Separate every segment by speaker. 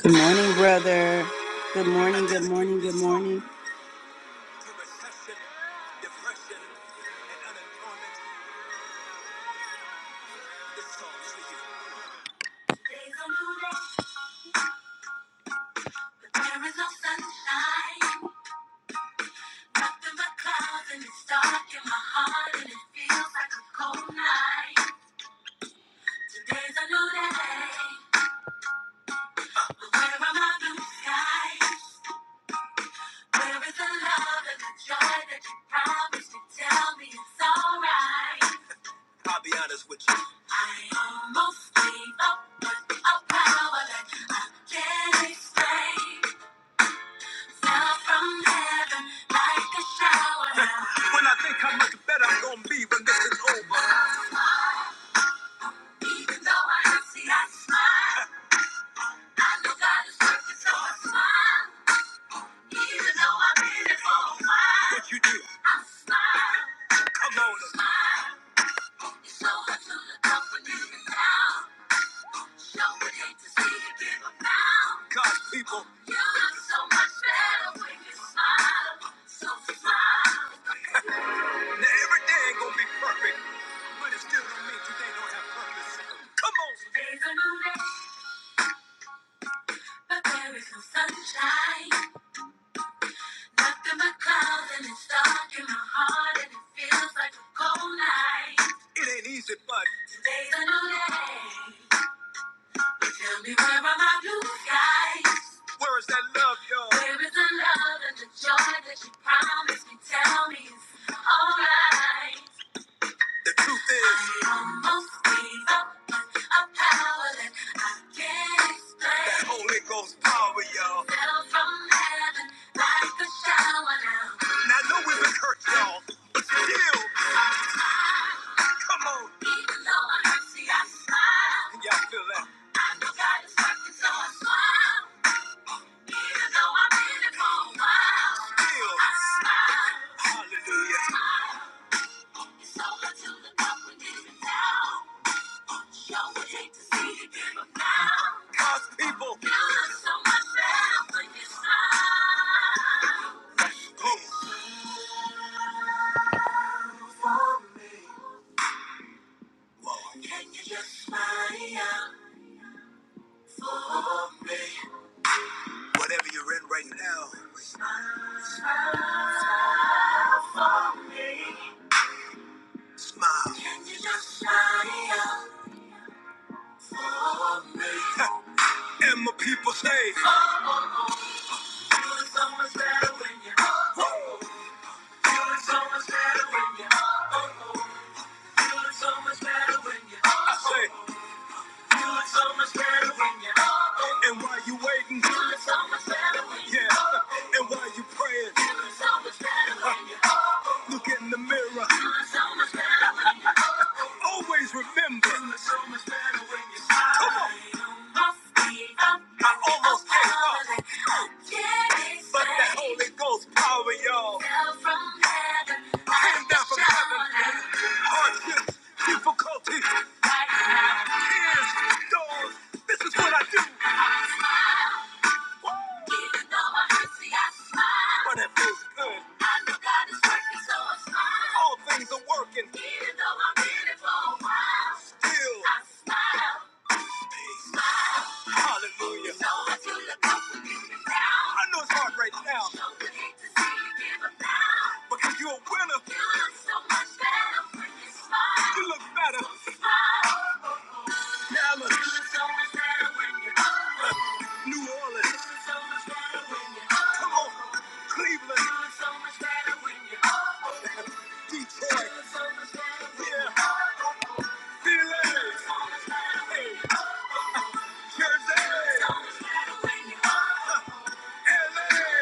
Speaker 1: Good morning, brother. Good morning, good morning, good morning. like When I think how much better I'm gonna be when this is over. Even though I have see I smile. I know God is working, so I smile. Even though I've been here for a while. What you do? I smile. Come on. Smile. It's so hard to look up when you can down. Show would hate to see you give up now. God's people. You look so much better when you smile. So smile. every day ain't gonna be perfect, but it still don't mean today don't have purpose. Come on, Days are moving, but there is no sunshine. Nothing but clouds, and it's dark in my heart, and it feels like a cold night. It ain't easy, but today's a new day. So Tell me where are my blue skies? Where is that love, y'all? Where is the love and the joy that you promised me? Tell me it's alright. The truth is, I almost gave up. on a power that I can't explain. That Holy Ghost power, y'all. Fell from heaven like a shower now. Now I know we've been hurt, y'all, but still, come on. Even though I'm hurt, see, I smile. Can y'all feel that? I know God is working, so I smile. Even though I've been here for a while, still, I smile. Hallelujah. Smile. It's over till the cup we give it down. God's people. Please. Whatever you're in right now, smile for me. Smile. Can you just smile for me? and my people say, And while you waiting, yeah. And while you praying, look in the mirror. always remember. Come on. I almost gave up. But that Holy Ghost power, y'all. Came down from heaven. Hardships, difficulty, tears, storms. This is what I do. Even though I hurt, see, I smile. But it feels good. I know God is working, so I smile. All things are working. Even though I've been it for a while. Still. I smile. Hallelujah. So if you look up when you down. I know it's hard right now. So you hate to see you give up now. Because you're a winner. You look so much better when you smile. You look better. So smile. New Orleans. Come on. Cleveland. Detroit. Yeah. Philly. Jersey. LA.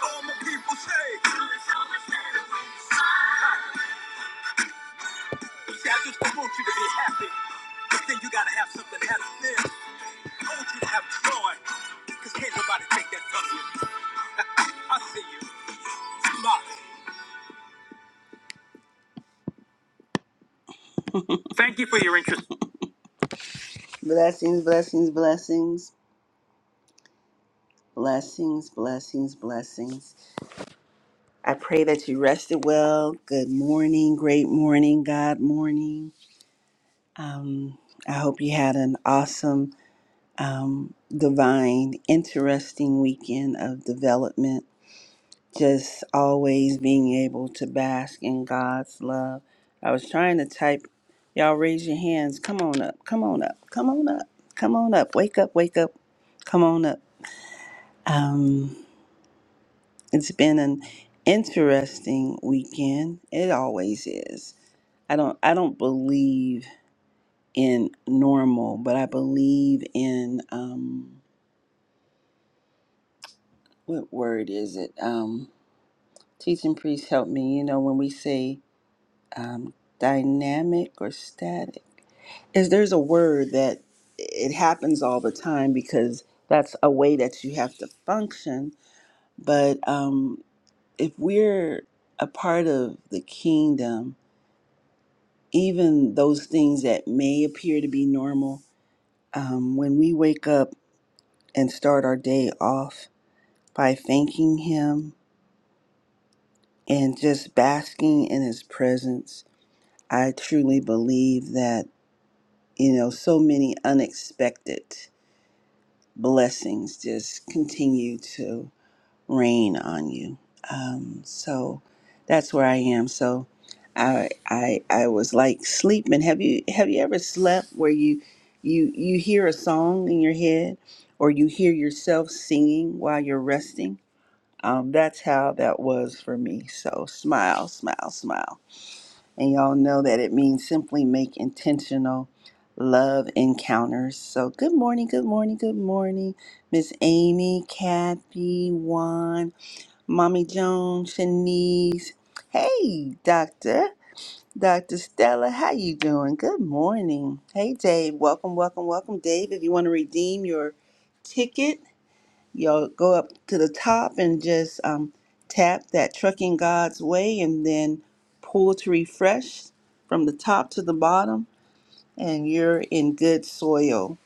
Speaker 1: All my people say. See, I just want you to be happy. But then you gotta have something happy. OGs have joy, because can't nobody take that from you. I see you. Smile. Thank you for your interest. Blessings, blessings, blessings, blessings, blessings, blessings. I pray that you rested well. Good morning, great morning, God morning. I hope you had an awesome, um, divine, interesting weekend of development just always being able to bask in God's love. I was trying to type, y'all raise your hands. Come on up, come on up, come on up, come on up. Wake up, wake up, come on up. Um, it's been an interesting weekend. It always is. I don't, I don't believe in normal, but I believe in um, what word is it? Um, teaching priest help me. You know when we say um, dynamic or static. Is there's a word that it happens all the time because that's a way that you have to function. But um, if we're a part of the kingdom, even those things that may appear to be normal, um, when we wake up and start our day off by thanking Him and just basking in His presence, I truly believe that you know so many unexpected blessings just continue to rain on you. Um, so that's where I am. So I I I was like sleeping. Have you have you ever slept where you you you hear a song in your head or you hear yourself singing while you're resting? Um, that's how that was for me. So smile, smile, smile. And y'all know that it means simply make intentional love encounters. So, good morning, good morning, good morning, Miss Amy, Kathy, Juan, Mommy Joan, Shanice. Hey, Doctor, Doctor Stella, how you doing? Good morning. Hey, Dave. Welcome, welcome, welcome, Dave. If you want to redeem your ticket You'll go up to the top and just um, tap that Trucking God's Way and then pull to refresh from the top to the bottom, and you're in good soil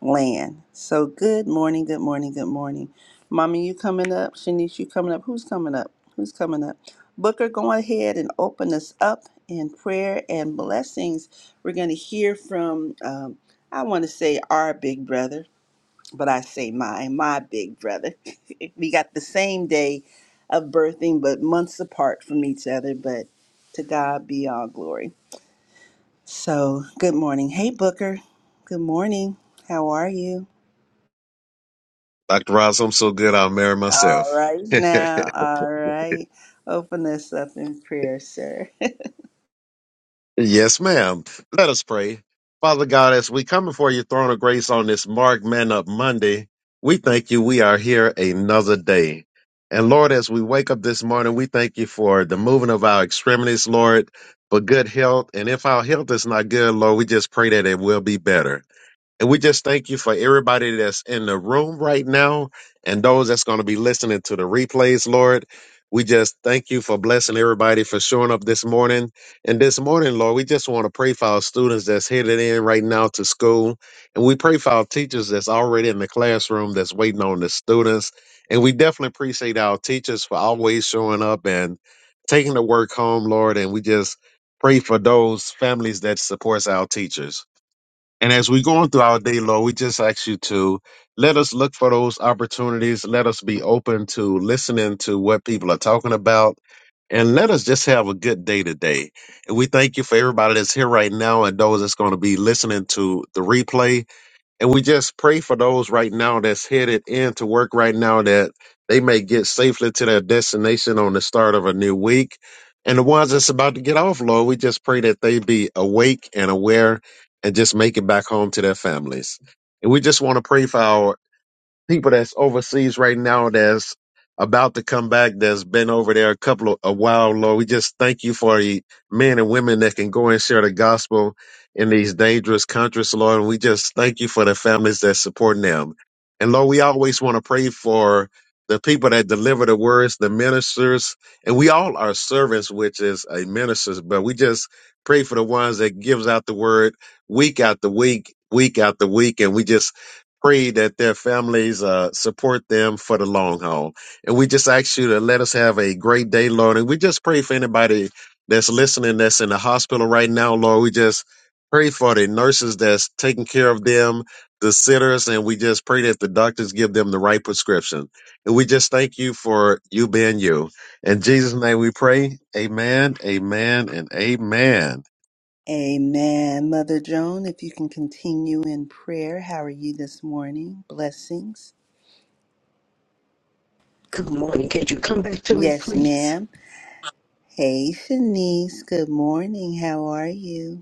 Speaker 1: land. So, good morning, good morning, good morning. Mommy, you coming up? Shanice, you coming up? Who's coming up? Who's coming up? Booker, go ahead and open us up in prayer and blessings. We're going to hear from, um, I want to say, our big brother but I say my, my big brother. we got the same day of birthing, but months apart from each other, but to God be all glory. So, good morning. Hey, Booker. Good morning. How are you?
Speaker 2: Dr. Ross, I'm so good I'll marry
Speaker 1: All
Speaker 2: myself.
Speaker 1: right now. All right. Open us up in prayer, sir.
Speaker 2: yes, ma'am. Let us pray. Father God, as we come before your throne of grace on this Mark Man Up Monday, we thank you we are here another day. And Lord, as we wake up this morning, we thank you for the moving of our extremities, Lord, for good health. And if our health is not good, Lord, we just pray that it will be better. And we just thank you for everybody that's in the room right now and those that's going to be listening to the replays, Lord. We just thank you for blessing everybody for showing up this morning. And this morning, Lord, we just want to pray for our students that's headed in right now to school. And we pray for our teachers that's already in the classroom that's waiting on the students. And we definitely appreciate our teachers for always showing up and taking the work home, Lord. And we just pray for those families that supports our teachers. And as we're going through our day, Lord, we just ask you to let us look for those opportunities. Let us be open to listening to what people are talking about. And let us just have a good day today. And we thank you for everybody that's here right now and those that's going to be listening to the replay. And we just pray for those right now that's headed into work right now that they may get safely to their destination on the start of a new week. And the ones that's about to get off, Lord, we just pray that they be awake and aware and just make it back home to their families. And we just want to pray for our people that's overseas right now that's about to come back that's been over there a couple of a while lord we just thank you for the men and women that can go and share the gospel in these dangerous countries lord and we just thank you for the families that's supporting them and lord we always want to pray for the people that deliver the words the ministers and we all are servants which is a ministers but we just pray for the ones that gives out the word week after week week after week and we just pray that their families uh, support them for the long haul. And we just ask you to let us have a great day, Lord. And we just pray for anybody that's listening that's in the hospital right now, Lord. We just pray for the nurses that's taking care of them, the sitters, and we just pray that the doctors give them the right prescription. And we just thank you for you being you. In Jesus' name we pray. Amen, amen, and amen.
Speaker 1: Amen. Mother Joan, if you can continue in prayer, how are you this morning? Blessings.
Speaker 3: Good morning. Could you come back to me,
Speaker 1: Yes,
Speaker 3: please?
Speaker 1: ma'am. Hey, Shanice. Good morning. How are you?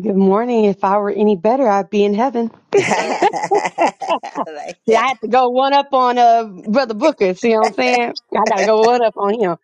Speaker 4: Good morning. If I were any better, I'd be in heaven.
Speaker 1: I like
Speaker 4: Yeah, I
Speaker 1: that.
Speaker 4: had to go one up on uh brother Booker. See what I'm saying? I gotta go one up on him.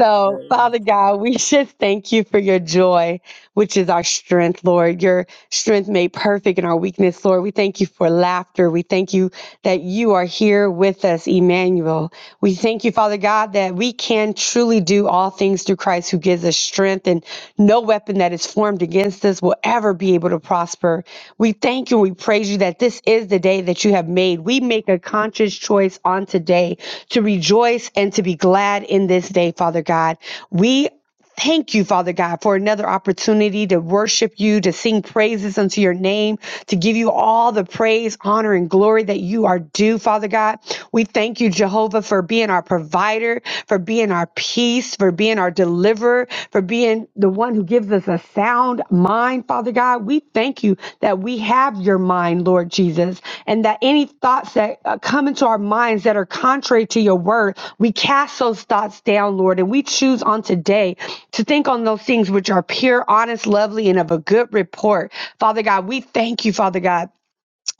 Speaker 4: So, Father God, we just thank you for your joy, which is our strength, Lord. Your strength made perfect in our weakness, Lord. We thank you for laughter. We thank you that you are here with us, Emmanuel. We thank you, Father God, that we can truly do all things through Christ who gives us strength. and. No weapon that is formed against us will ever be able to prosper. We thank you and we praise you that this is the day that you have made. We make a conscious choice on today to rejoice and to be glad in this day, Father God. We Thank you, Father God, for another opportunity to worship you, to sing praises unto your name, to give you all the praise, honor, and glory that you are due, Father God. We thank you, Jehovah, for being our provider, for being our peace, for being our deliverer, for being the one who gives us a sound mind, Father God. We thank you that we have your mind, Lord Jesus, and that any thoughts that uh, come into our minds that are contrary to your word, we cast those thoughts down, Lord, and we choose on today to think on those things which are pure, honest, lovely, and of a good report. Father God, we thank you, Father God.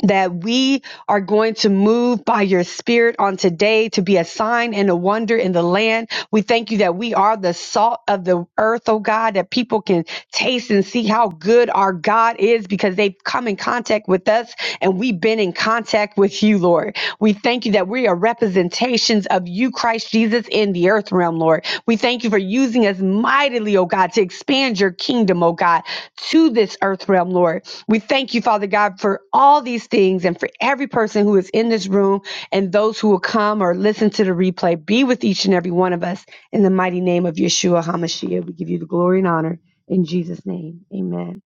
Speaker 4: That we are going to move by your spirit on today to be a sign and a wonder in the land. We thank you that we are the salt of the earth, oh God, that people can taste and see how good our God is because they've come in contact with us and we've been in contact back with you, Lord. We thank you that we are representations of you, Christ Jesus, in the earth realm, Lord. We thank you for using us mightily, oh God, to expand your kingdom, oh God, to this earth realm, Lord. We thank you, Father God, for all these things and for every person who is in this room and those who will come or listen to the replay. Be with each and every one of us in the mighty name of Yeshua HaMashiach. We give you the glory and honor in Jesus' name. Amen.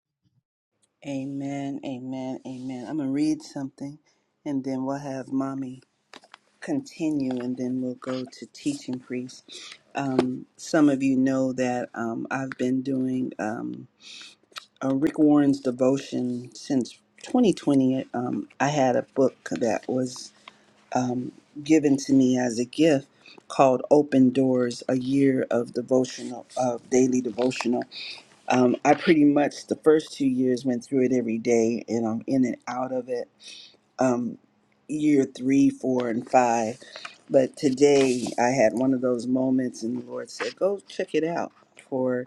Speaker 1: Amen, amen, amen. I'm going to read something and then we'll have mommy continue and then we'll go to teaching priest. Um, some of you know that um, I've been doing um, a Rick Warren's devotion since 2020. Um, I had a book that was um, given to me as a gift called Open Doors, a year of devotional, of daily devotional. Um, I pretty much the first two years went through it every day, and I'm in and out of it. Um, year three, four, and five. But today I had one of those moments, and the Lord said, "Go check it out for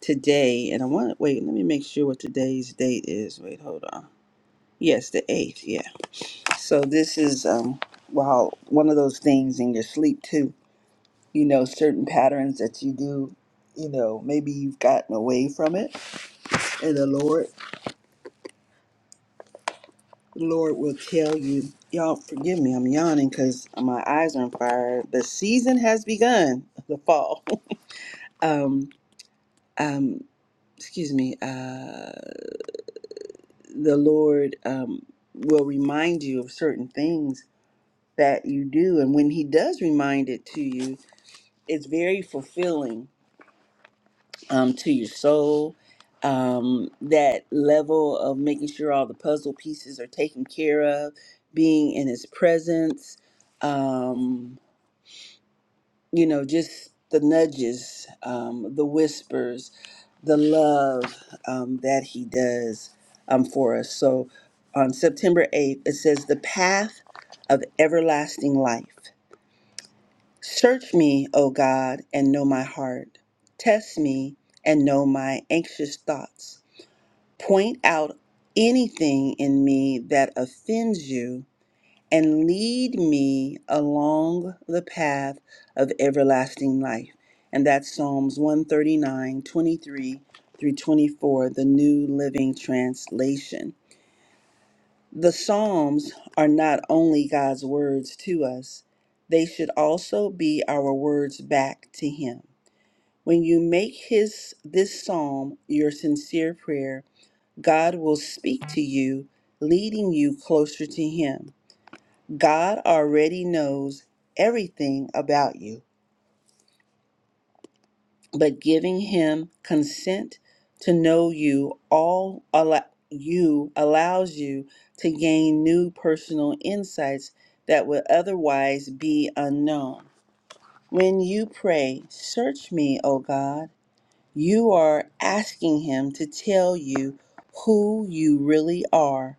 Speaker 1: today." And I want wait. Let me make sure what today's date is. Wait, hold on. Yes, the eighth. Yeah. So this is um, well, one of those things in your sleep too. You know, certain patterns that you do. You know, maybe you've gotten away from it, and the Lord The Lord will tell you. Y'all, forgive me, I'm yawning because my eyes are on fire. The season has begun, the fall. um, um, excuse me. Uh, the Lord um, will remind you of certain things that you do. And when He does remind it to you, it's very fulfilling um, to your soul. Um, that level of making sure all the puzzle pieces are taken care of, being in His presence. Um, you know, just the nudges, um, the whispers, the love um, that he does um, for us. So on September 8th, it says, The path of everlasting life. Search me, O God, and know my heart. Test me and know my anxious thoughts. Point out anything in me that offends you and lead me along the path of everlasting life. And that's Psalms one thirty nine twenty three through 24, the New Living Translation. The Psalms are not only God's words to us, they should also be our words back to Him. When you make his this psalm your sincere prayer, God will speak to you, leading you closer to him. God already knows everything about you, but giving him consent to know you all allow you allows you to gain new personal insights that would otherwise be unknown. When you pray, "Search me, O God," you are asking him to tell you who you really are.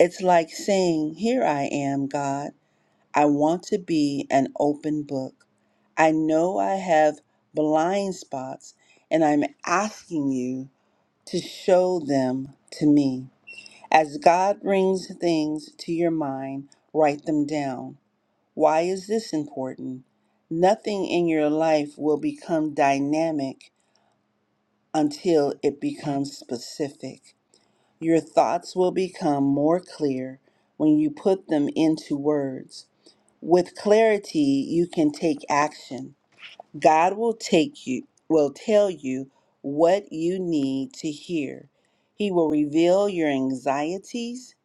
Speaker 1: It's like saying, "Here I am, God. I want to be an open book. I know I have blind spots, and I'm asking you to show them to me. As God brings things to your mind, write them down. Why is this important? Nothing in your life will become dynamic until it becomes specific. Your thoughts will become more clear when you put them into words. With clarity, you can take action. God will take you will tell you what you need to hear. He will reveal your anxieties,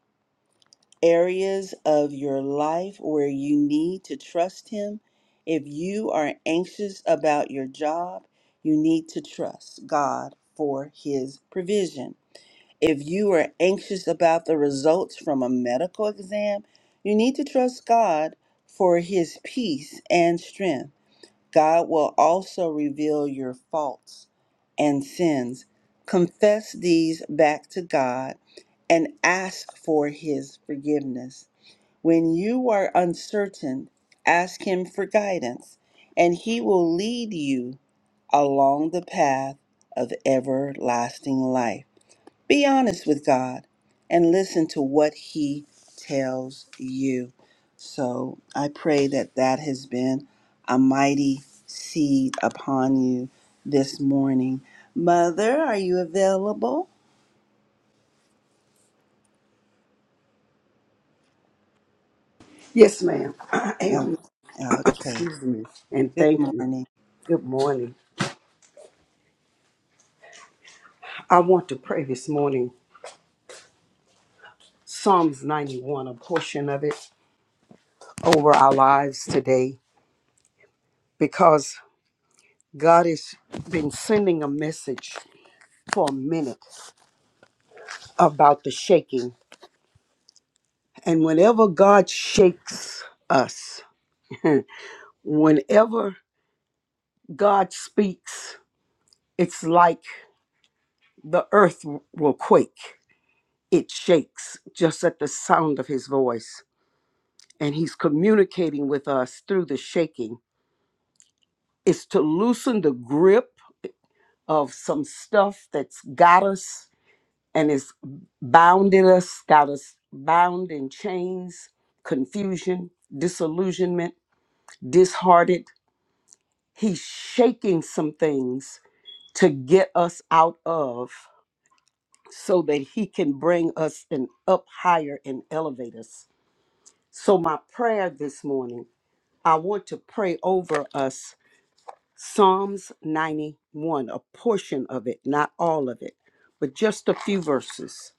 Speaker 1: areas of your life where you need to trust him. If you are anxious about your job, you need to trust God for his provision. If you are anxious about the results from a medical exam, you need to trust God for His peace and strength. God will also reveal your faults and sins. Confess these back to God and ask for His forgiveness. When you are uncertain, ask Him for guidance, and He will lead you along the path of everlasting life. Be honest with God and listen to what He tells you. So I pray that that has been a mighty seed upon you this morning. Mother, are you available?
Speaker 3: Yes, ma'am. I
Speaker 1: No.
Speaker 3: am.
Speaker 1: Okay.
Speaker 3: Excuse me. And
Speaker 1: Good
Speaker 3: thank you.
Speaker 1: morning.
Speaker 3: Good morning. I want to pray this morning Psalms 91, a portion of it, over our lives today because God has been sending a message for a minute about the shaking. And whenever God shakes us, whenever God speaks, it's like the earth will quake. it shakes just at the sound of his voice. And he's communicating with us through the shaking, is to loosen the grip of some stuff that's got us and is bounded us, got us bound in chains, confusion, disillusionment, disheartened. He's shaking some things to get us out of so that he can bring us and up higher and elevate us. So my prayer this morning I want to pray over us Psalms 91, a portion of it, not all of it, but just a few verses.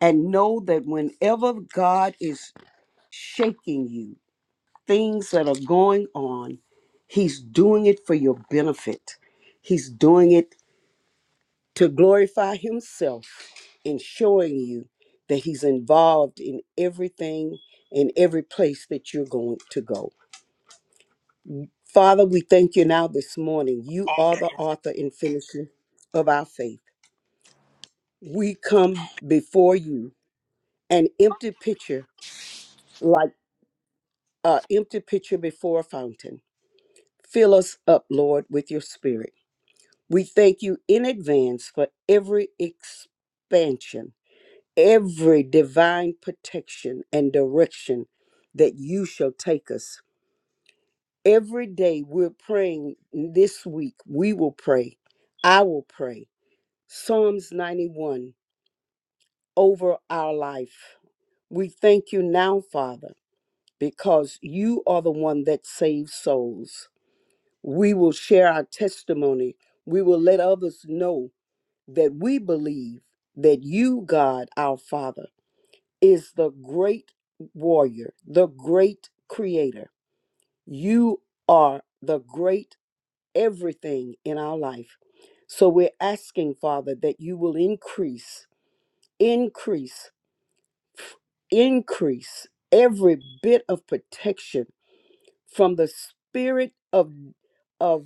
Speaker 3: And know that whenever God is shaking you, things that are going on, He's doing it for your benefit. He's doing it to glorify Himself in showing you that He's involved in everything, in every place that you're going to go. Father, we thank you now this morning. You are the author and finisher of our faith. We come before you an empty pitcher, like an empty pitcher before a fountain. Fill us up, Lord, with your spirit. We thank you in advance for every expansion, every divine protection and direction that you shall take us. Every day we're praying this week, we will pray. I will pray. Psalms 91 over our life. We thank you now, Father, because you are the one that saves souls. We will share our testimony. We will let others know that we believe that you, God, our Father, is the great warrior, the great creator. You are the great everything in our life. So we're asking, Father, that you will increase, increase increase every bit of protection from the spirit of of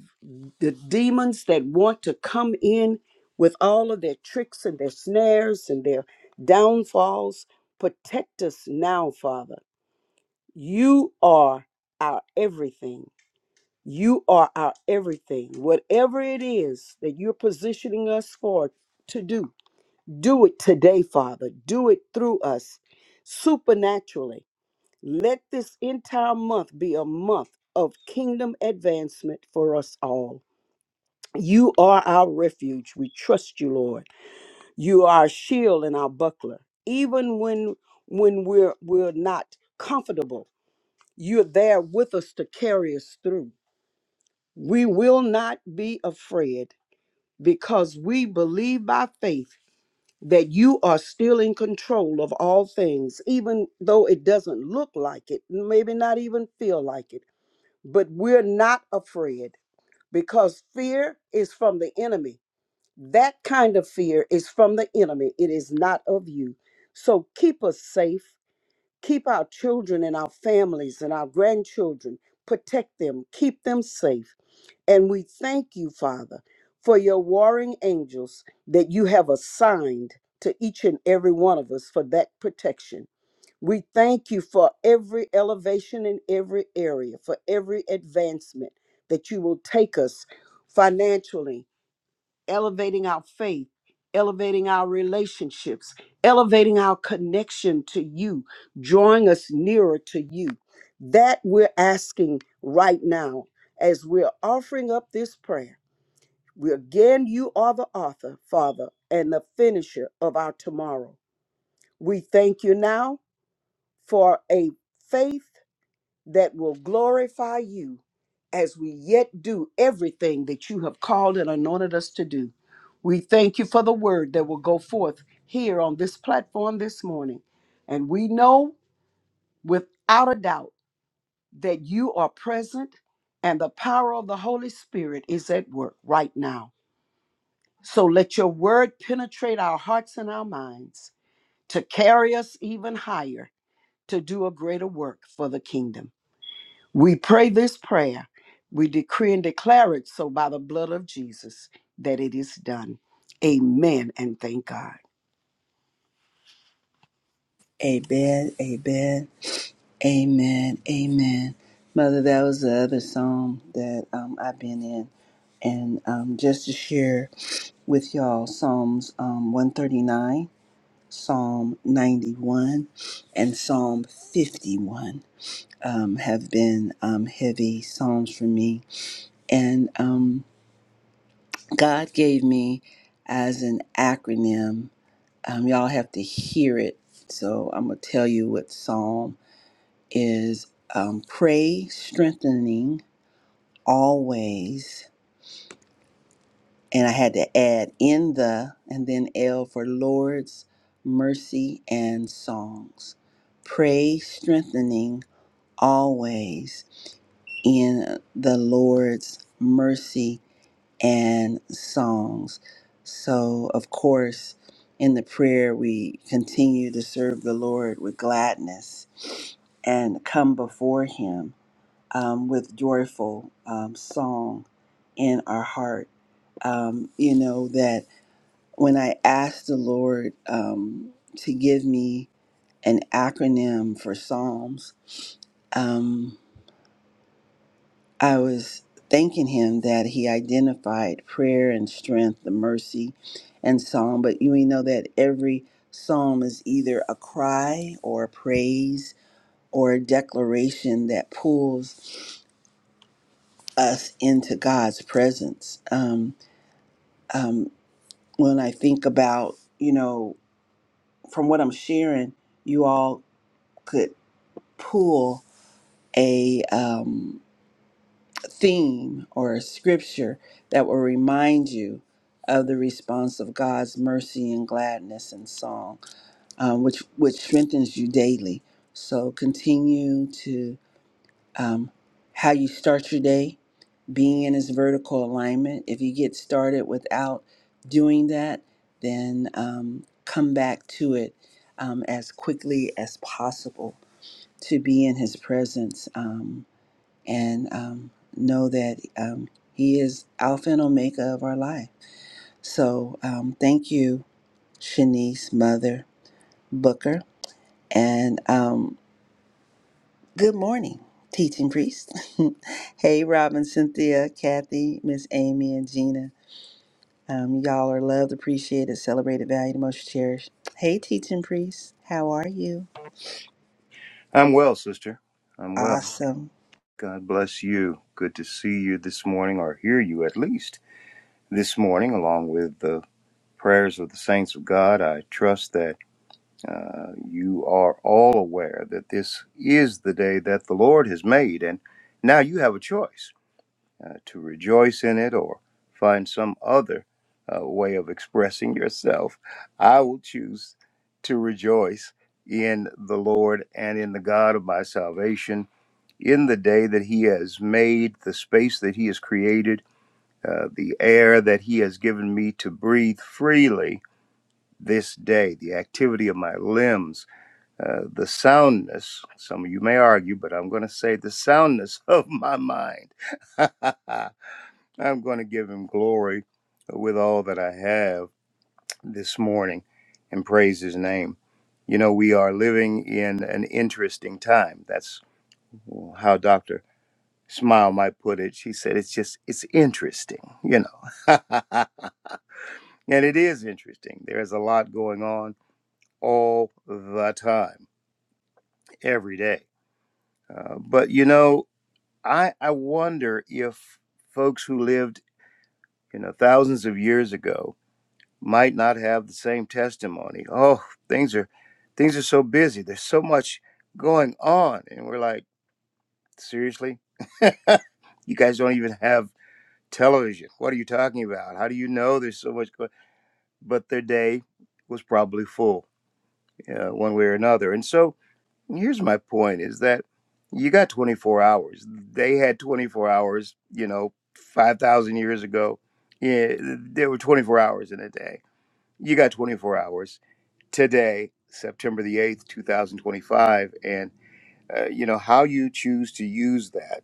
Speaker 3: the demons that want to come in with all of their tricks and their snares and their downfalls protect us now father you are our everything you are our everything whatever it is that you're positioning us for to do do it today father do it through us supernaturally let this entire month be a month of kingdom advancement for us all. You are our refuge. We trust you, Lord. You are our shield and our buckler. Even when when we're we're not comfortable, you're there with us to carry us through. We will not be afraid because we believe by faith that you are still in control of all things, even though it doesn't look like it, maybe not even feel like it but we're not afraid because fear is from the enemy. That kind of fear is from the enemy, it is not of you. So keep us safe, keep our children and our families and our grandchildren, protect them, keep them safe. And we thank you, Father, for your warring angels that you have assigned to each and every one of us for that protection. We thank you for every elevation in every area, for every advancement that you will take us financially, elevating our faith, elevating our relationships, elevating our connection to you, drawing us nearer to you. That we're asking right now as we're offering up this prayer. We again, you are the author, Father, and the finisher of our tomorrow. We thank you now for a faith that will glorify you as we yet do everything that you have called and anointed us to do. We thank you for the word that will go forth here on this platform this morning. And we know without a doubt that you are present and the power of the Holy Spirit is at work right now. So let your word penetrate our hearts and our minds to carry us even higher to do a greater work for the kingdom. We pray this prayer. We decree and declare it so by the blood of Jesus that it is done. Amen and thank God.
Speaker 1: Amen. Amen. Amen. Amen. Mother, that was the other song that um, I've been in. And um, just to share with y'all Psalms um, 139, Psalm 91, and Psalm 51 um, have been um, heavy Psalms for me. And um, God gave me as an acronym, um, y'all have to hear it. So I'm going to tell you what Psalm is um, pray strengthening always. And I had to add in the and then L for Lord's mercy and songs. Pray strengthening always in the Lord's mercy and songs. So, of course, in the prayer, we continue to serve the Lord with gladness and come before Him um, with joyful um, song in our heart. Um, you know, that when I asked the Lord um, to give me an acronym for Psalms, um, I was thanking Him that He identified prayer and strength, the mercy and song. But you know that every psalm is either a cry or a praise or a declaration that pulls us into God's presence. Um, um, when I think about, you know, from what I'm sharing, you all could pull a um, theme or a scripture that will remind you of the response of God's mercy and gladness and song, um, which which strengthens you daily. So continue to um, how you start your day being in his vertical alignment. If you get started without doing that, then um, come back to it um, as quickly as possible to be in his presence um, and um, know that um, he is Alpha and Omega of our life. So um, thank you, Shanice, Mother Booker, and um, good morning. Teaching priest. hey, Robin, Cynthia, Kathy, Miss Amy, and Gina. Um, y'all are loved, appreciated, celebrated, valued, and most cherished. Hey, teaching priest, how are you?
Speaker 5: I'm well, sister. I'm well.
Speaker 1: Awesome.
Speaker 5: God bless you. Good to see you this morning, or hear you at least this morning, along with the prayers of the saints of God. I trust that uh, you are all aware that this is the day that the Lord has made, and now you have a choice uh, to rejoice in it or find some other uh, way of expressing yourself. I will choose to rejoice in the Lord and in the God of my salvation in the day that He has made, the space that He has created, uh, the air that He has given me to breathe freely this day, the activity of my limbs, uh, the soundness, some of you may argue, but I'm going to say the soundness of my mind. I'm going to give Him glory with all that I have this morning and praise His name. You know, we are living in an interesting time. That's how Dr. Smile might put it. She said, it's just, it's interesting, you know. and it is interesting. There is a lot going on all the time, every day. Uh, but, you know, I, I wonder if folks who lived, you know, thousands of years ago might not have the same testimony. Oh, things are, things are so busy. There's so much going on. And we're like, seriously? you guys don't even have television. What are you talking about? How do you know there's so much? go-" But their day was probably full, uh, one way or another. And so here's my point: is that you got 24 hours. They had 24 hours. You know, 5,000 years ago, yeah, there were 24 hours in a day. You got 24 hours today, September the 8th, 2025, and uh, you know how you choose to use that,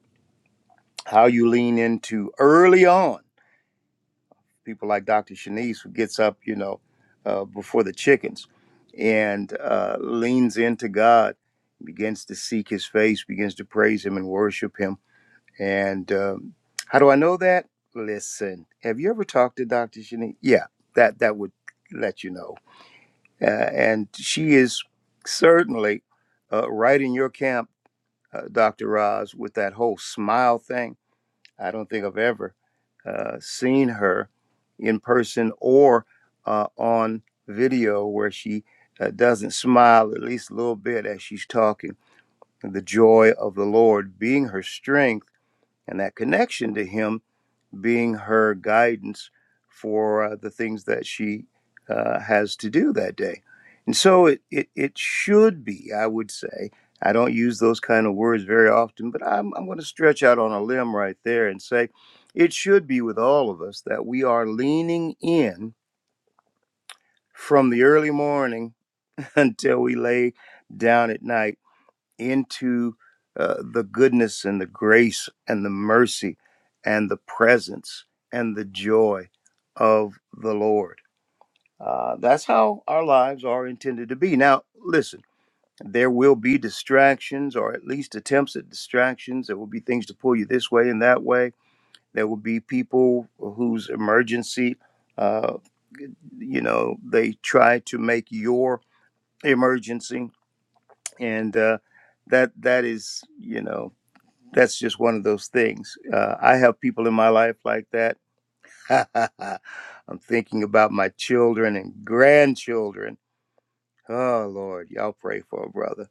Speaker 5: how you lean into early on people like Dr. Shanice, who gets up, you know, uh, before the chickens and uh, leans into God, begins to seek his face, begins to praise him and worship him. And um, how do I know that? Listen, have you ever talked to Dr. Shanice? Yeah, that, that would let you know. Uh, and she is certainly uh, right in your camp, uh, Dr. Roz, with that whole smile thing I don't think I've ever uh, seen her in person or uh, on video where she uh, doesn't smile at least a little bit as she's talking. The joy of the Lord being her strength and that connection to Him being her guidance for uh, the things that she uh, has to do that day. And so it, it, it should be, I would say. I don't use those kind of words very often, but I'm, I'm going to stretch out on a limb right there and say it should be with all of us that we are leaning in from the early morning until we lay down at night into uh, the goodness and the grace and the mercy and the presence and the joy of the Lord. Uh, that's how our lives are intended to be. Now, listen, there will be distractions or at least attempts at distractions. There will be things to pull you this way and that way. There will be people whose emergency, uh, you know, they try to make your emergency. And uh, that that is, you know, that's just one of those things. Uh, I have people in my life like that. I'm thinking about my children and grandchildren. Oh Lord, y'all pray for a brother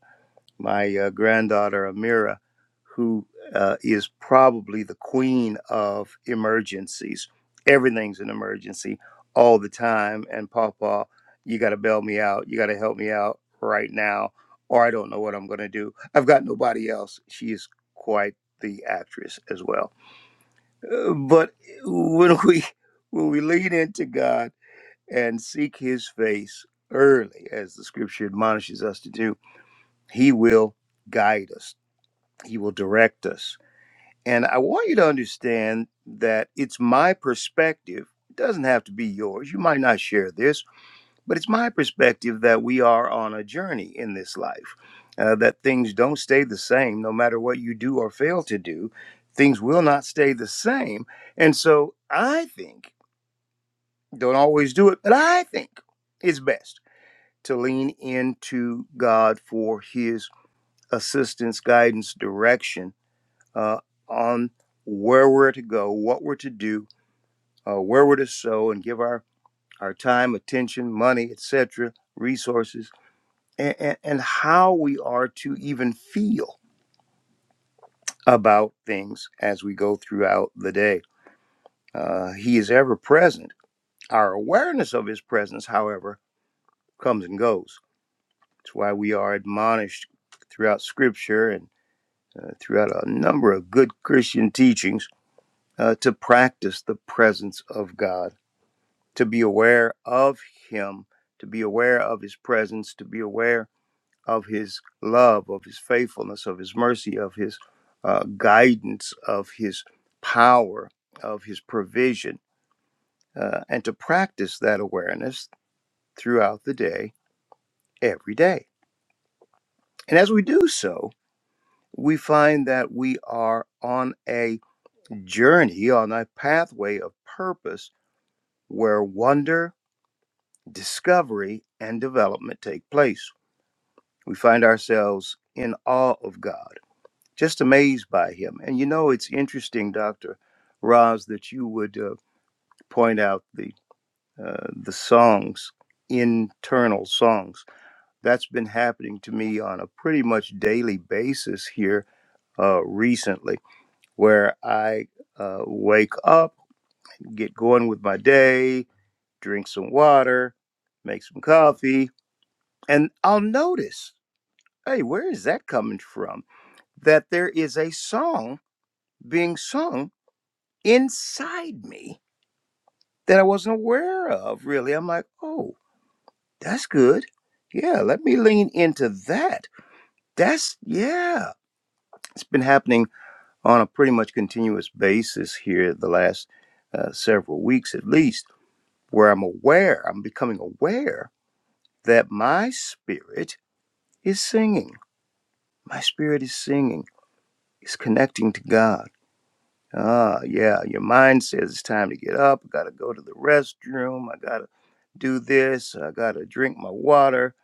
Speaker 5: my uh, granddaughter Amira, who uh, is probably the queen of emergencies. Everything's an emergency all the time. And Papa, you got to bail me out. You got to help me out right now, or I don't know what I'm going to do. I've got nobody else. She is quite the actress as well. Uh, but when we when we lean into God and seek His face early, as the Scripture admonishes us to do, He will guide us he will direct us. And I want you to understand that it's my perspective. It doesn't have to be yours. You might not share this, but it's my perspective that we are on a journey in this life, uh, that things don't stay the same no matter what you do or fail to do. Things will not stay the same. And so I think, don't always do it, but I think it's best to lean into God for his assistance, guidance, direction uh, on where we're to go, what we're to do, uh, where we're to sow, and give our, our time, attention, money, etc., resources, and, and, and how we are to even feel about things as we go throughout the day. Uh, he is ever present. Our awareness of his presence, however, comes and goes. It's why we are admonished throughout Scripture and uh, throughout a number of good Christian teachings uh, to practice the presence of God to be aware of him, to be aware of his presence, to be aware of his love, of his faithfulness, of his mercy, of his uh, guidance, of his power, of his provision, uh, and to practice that awareness throughout the day, every day. And as we do so, we find that we are on a journey, on a pathway of purpose where wonder, discovery, and development take place. We find ourselves in awe of God, just amazed by Him. And you know, it's interesting, Dr. Roz, that you would uh, point out the, uh, the songs, internal songs. That's been happening to me on a pretty much daily basis here uh, recently, where I uh, wake up, get going with my day, drink some water, make some coffee, and I'll notice hey, where is that coming from? that there is a song being sung inside me that I wasn't aware of, really. I'm like, oh, that's good. Yeah, let me lean into that. That's, yeah, it's been happening on a pretty much continuous basis here the last uh, several weeks at least, where I'm aware, I'm becoming aware that my spirit is singing. My spirit is singing, is connecting to God. Ah, yeah, your mind says it's time to get up. I gotta go to the restroom. I gotta do this. I gotta drink my water.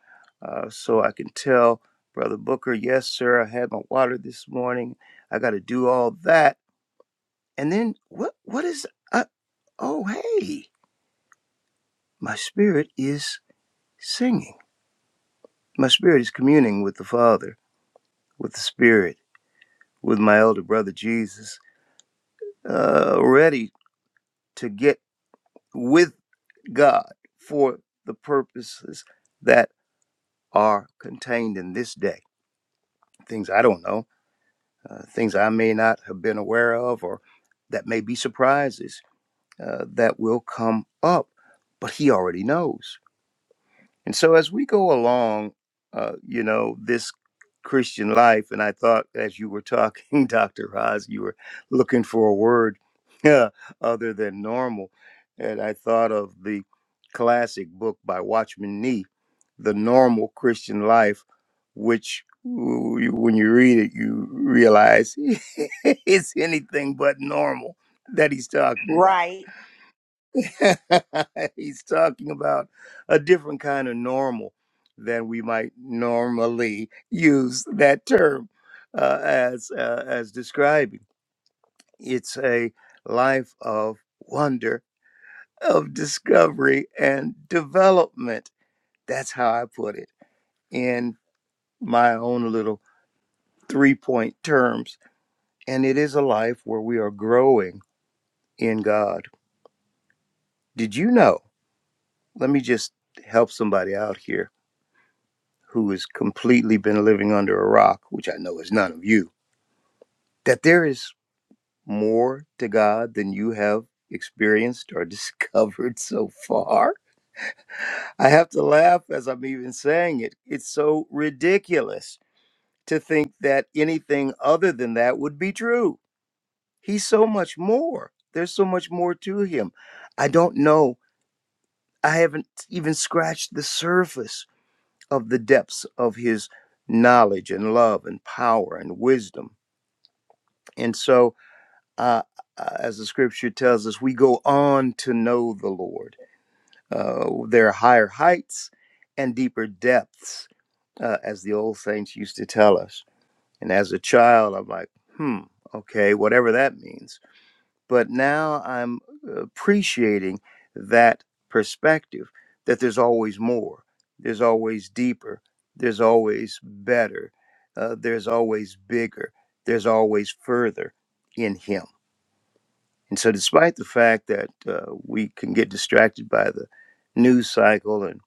Speaker 5: Uh, so I can tell Brother Booker, yes, sir, I had my water this morning. I gotta do all that. And then what? What is? Uh, oh, hey, my spirit is singing. My spirit is communing with the Father, with the Spirit, with my elder brother Jesus, uh, ready to get with God for the purposes that are contained in this day. Things I don't know, uh, things I may not have been aware of, or that may be surprises uh, that will come up, but He already knows. And so as we go along, uh, you know, this Christian life, and I thought as you were talking, Dr. Haas, you were looking for a word other than normal. And I thought of the classic book by Watchman Nee, The Normal Christian Life, which w- when you read it, you realize it's anything but normal that he's talking about
Speaker 1: Right.
Speaker 5: He's talking about a different kind of normal than we might normally use that term uh, as uh, as describing. It's a life of wonder, of discovery and development. That's how I put it in my own little three point terms. And it is a life where we are growing in God. Did you know? Let me just help somebody out here who has completely been living under a rock, which I know is none of you, that there is more to God than you have experienced or discovered so far. I have to laugh as I'm even saying it. It's so ridiculous to think that anything other than that would be true. He's so much more. There's so much more to him. I don't know. I haven't even scratched the surface of the depths of his knowledge and love and power and wisdom And so, uh, uh, as the scripture tells us, we go on to know the Lord. Uh, there are higher heights and deeper depths, uh, as the old saints used to tell us. And as a child, I'm like, hmm, okay, whatever that means. But now I'm appreciating that perspective that there's always more, there's always deeper, there's always better, uh, there's always bigger, there's always further in Him and so, despite the fact that uh, we can get distracted by the news cycle and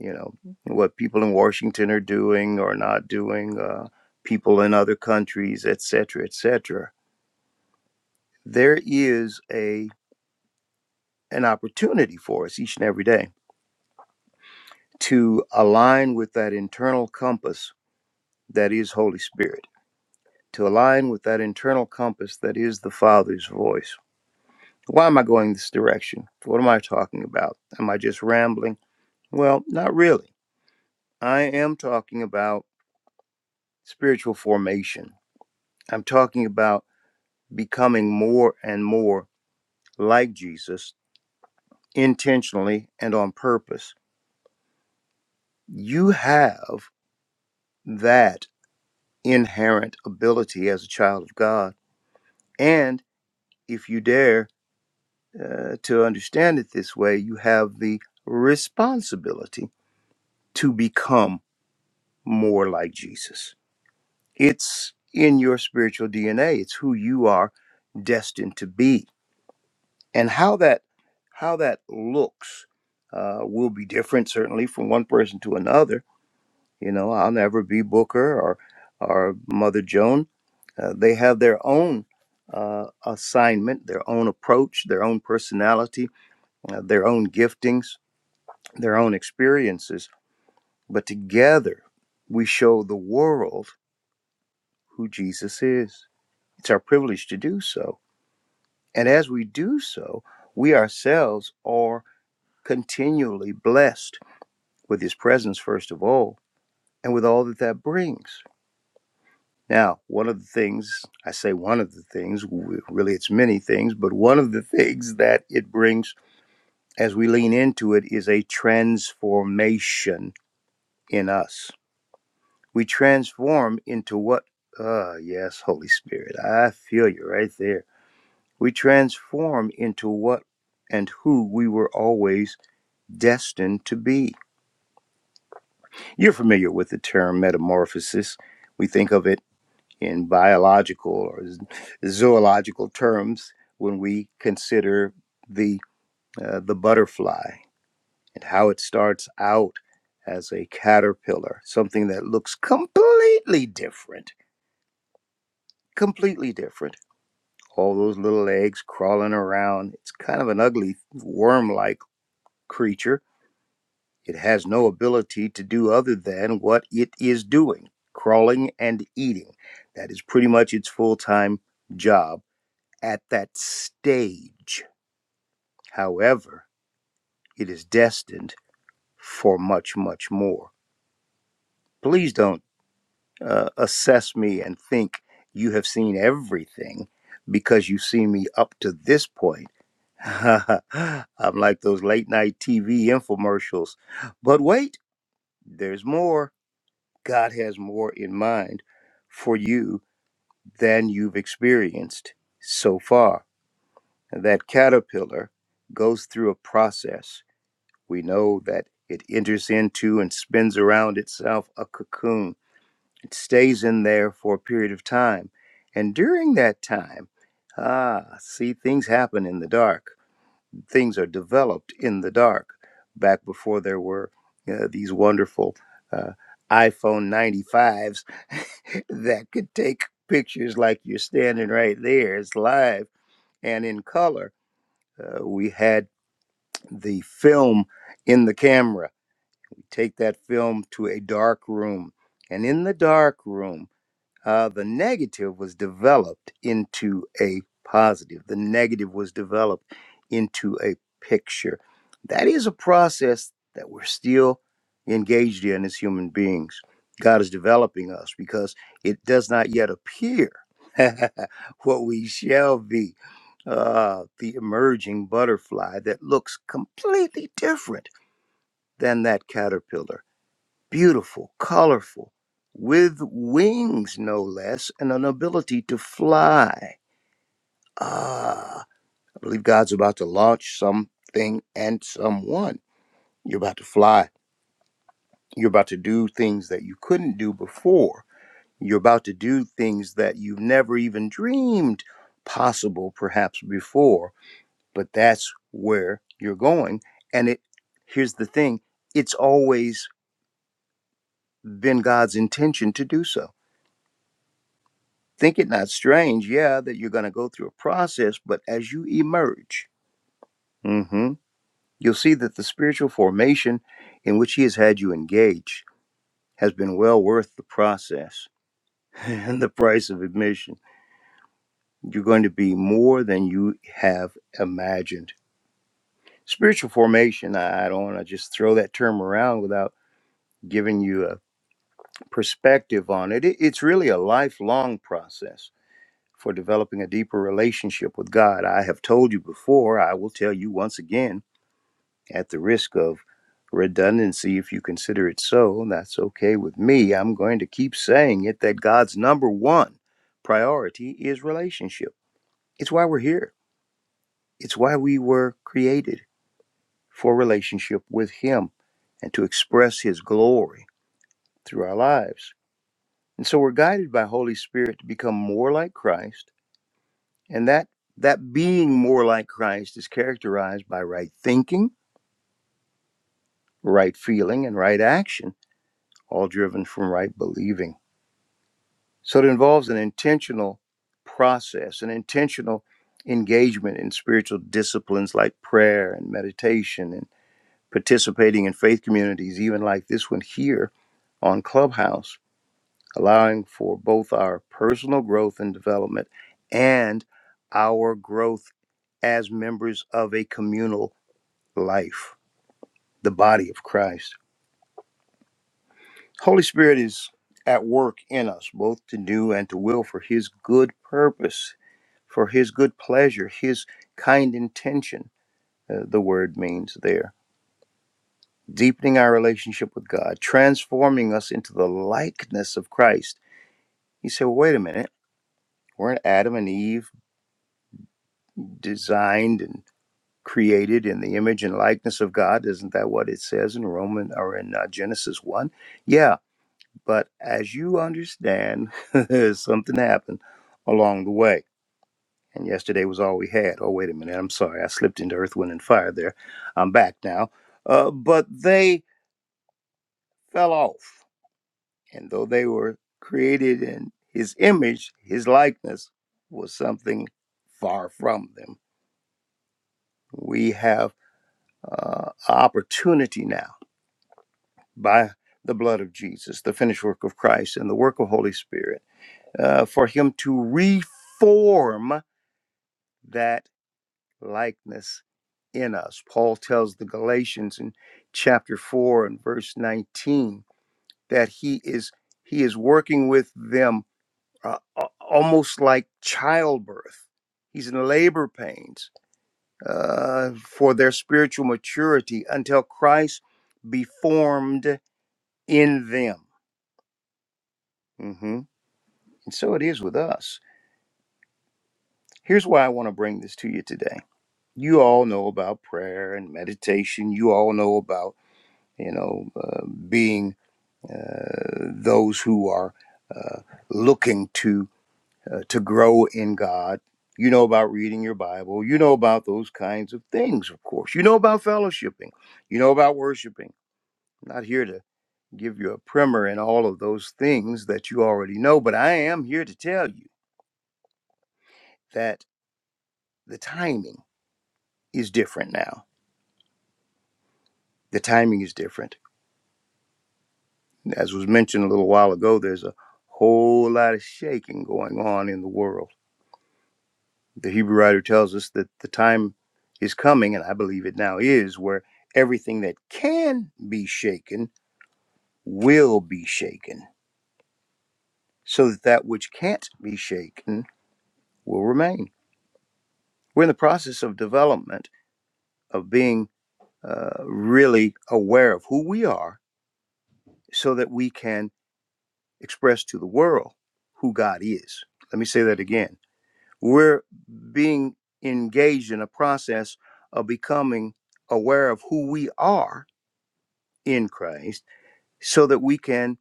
Speaker 5: you know what people in Washington are doing or not doing, uh, people in other countries, et cetera, et cetera, there is a an opportunity for us each and every day to align with that internal compass that is Holy Spirit, to align with that internal compass that is the Father's voice. Why am I going this direction? What am I talking about? Am I just rambling? Well, not really I am talking about spiritual formation. I'm talking about becoming more and more like Jesus intentionally and on purpose. You have that inherent ability as a child of God. And if you dare uh, to understand it this way, you have the responsibility to become more like Jesus. It's in your spiritual DNA, it's who you are destined to be and how that how that looks uh, will be different certainly from one person to another you know i'll never be booker or or mother joan uh, they have their own uh, assignment their own approach their own personality uh, their own giftings their own experiences but together we show the world who jesus is it's our privilege to do so and as we do so we ourselves are continually blessed with his presence, first of all, and with all that that brings. Now, one of the things, I say one of the things, really it's many things, but one of the things that it brings as we lean into it is a transformation in us. We transform into what? Ah, yes, Holy Spirit, I feel you right there. We transform into what and who we were always destined to be You're familiar with the term metamorphosis. We think of it in biological or zoological terms when we consider the uh, the butterfly and how it starts out as a caterpillar, something that looks completely different, completely different. All those little eggs crawling around. It's kind of an ugly worm-like creature It has no ability to do other than what it is doing crawling and eating. That is pretty much its full time job at that stage. However, it is destined for much, much more. Please don't uh, assess me and think you have seen everything because you've seen me up to this point. I'm like those late night TV infomercials. But wait, there's more God has more in mind for you than you've experienced so far. And that caterpillar goes through a process. We know that it enters into and spins around itself a cocoon. It stays in there for a period of time. And during that time, ah, see, things happen in the dark things are developed in the dark. Back before there were uh, these wonderful uh, iPhone 95s that could take pictures like you're standing right there, it's live and in color. Uh, we had the film in the camera. We take that film to a dark room. And in the dark room, uh, the negative was developed into a positive. The negative was developed into a picture. That is a process that we're still engaged in as human beings. God is developing us because it does not yet appear what we shall be uh, the emerging butterfly that looks completely different than that caterpillar beautiful, colorful, with wings no less, and an ability to fly. Ah, I believe God's about to launch something and someone. You're about to fly. You're about to do things that you couldn't do before. You're about to do things that you've never even dreamed possible, perhaps before. But that's where you're going. And it here's the thing: it's always been God's intention to do so Think it not strange, yeah, that you're going to go through a process, but as you emerge, mhm, you'll see that the spiritual formation in which He has had you engage has been well worth the process and the price of admission. You're going to be more than you have imagined. Spiritual formation, I I don't want to just throw that term around without giving you a perspective on it. It- It's really a lifelong process for developing a deeper relationship with God. I have told you before, I will tell you once again, at the risk of redundancy, if you consider it so, and that's okay with me. I'm going to keep saying it that God's number one priority is relationship. It's why we're here, it's why we were created for relationship with Him and to express His glory through our lives. And so we're guided by Holy Spirit to become more like Christ And that that being more like Christ is characterized by right thinking, right feeling, and right action, all driven from right believing. So it involves an intentional process, an intentional engagement in spiritual disciplines like prayer and meditation and participating in faith communities, even like this one here on Clubhouse, allowing for both our personal growth and development and our growth as members of a communal life, the body of Christ. Holy Spirit is at work in us, both to do and to will for His good purpose, for His good pleasure, His kind intention, uh, the word means there. Deepening our relationship with God, transforming us into the likeness of Christ. He said, well, wait a minute, weren't Adam and Eve designed and created in the image and likeness of God? Isn't that what it says in Roman or in uh, Genesis 1? Yeah, But as you understand, something happened along the way. And yesterday was all we had. Oh, wait a minute. I'm sorry. I slipped into Earth, Wind, and Fire there. I'm back now. Uh, but they fell off. And though they were created in his image, his likeness was something far from them. We have uh, opportunity now by the blood of Jesus, the finished work of Christ, and the work of Holy Spirit uh, for him to reform that likeness in us. Paul tells the Galatians in chapter 4 and verse 19 that he is he is working with them uh, almost like childbirth. He's in labor pains uh, for their spiritual maturity until Christ be formed in them. hmm And so it is with us. Here's why I want to bring this to you today. You all know about prayer and meditation. You all know about you know, uh, being uh, those who are uh, looking to uh, to grow in God. You know about reading your Bible. You know about those kinds of things, of course. You know about fellowshipping. You know about worshiping. I'm not here to give you a primer in all of those things that you already know, but I am here to tell you that the timing is different now. The timing is different. As was mentioned a little while ago, there's a whole lot of shaking going on in the world The Hebrew writer tells us that the time is coming, and I believe it now is, where everything that can be shaken will be shaken, so that that which can't be shaken will remain. We're in the process of development, of being uh, really aware of who we are, so that we can express to the world who God is. Let me say that again. We're being engaged in a process of becoming aware of who we are in Christ so that we can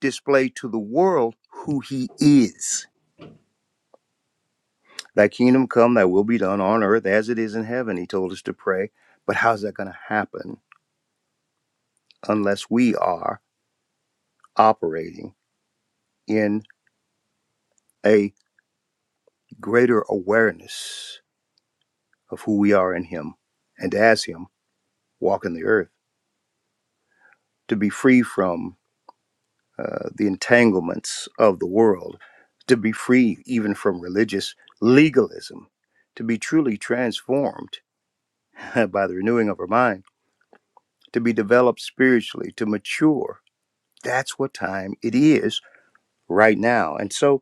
Speaker 5: display to the world who he is. Thy kingdom come, thy will be done on earth as it is in heaven, he told us to pray. But how's that going to happen unless we are operating in a greater awareness of who we are in him and as him walk in the earth to be free from uh, the entanglements of the world, to be free even from religious legalism, to be truly transformed by the renewing of her mind, to be developed spiritually, to mature. That's what time it is right now. And so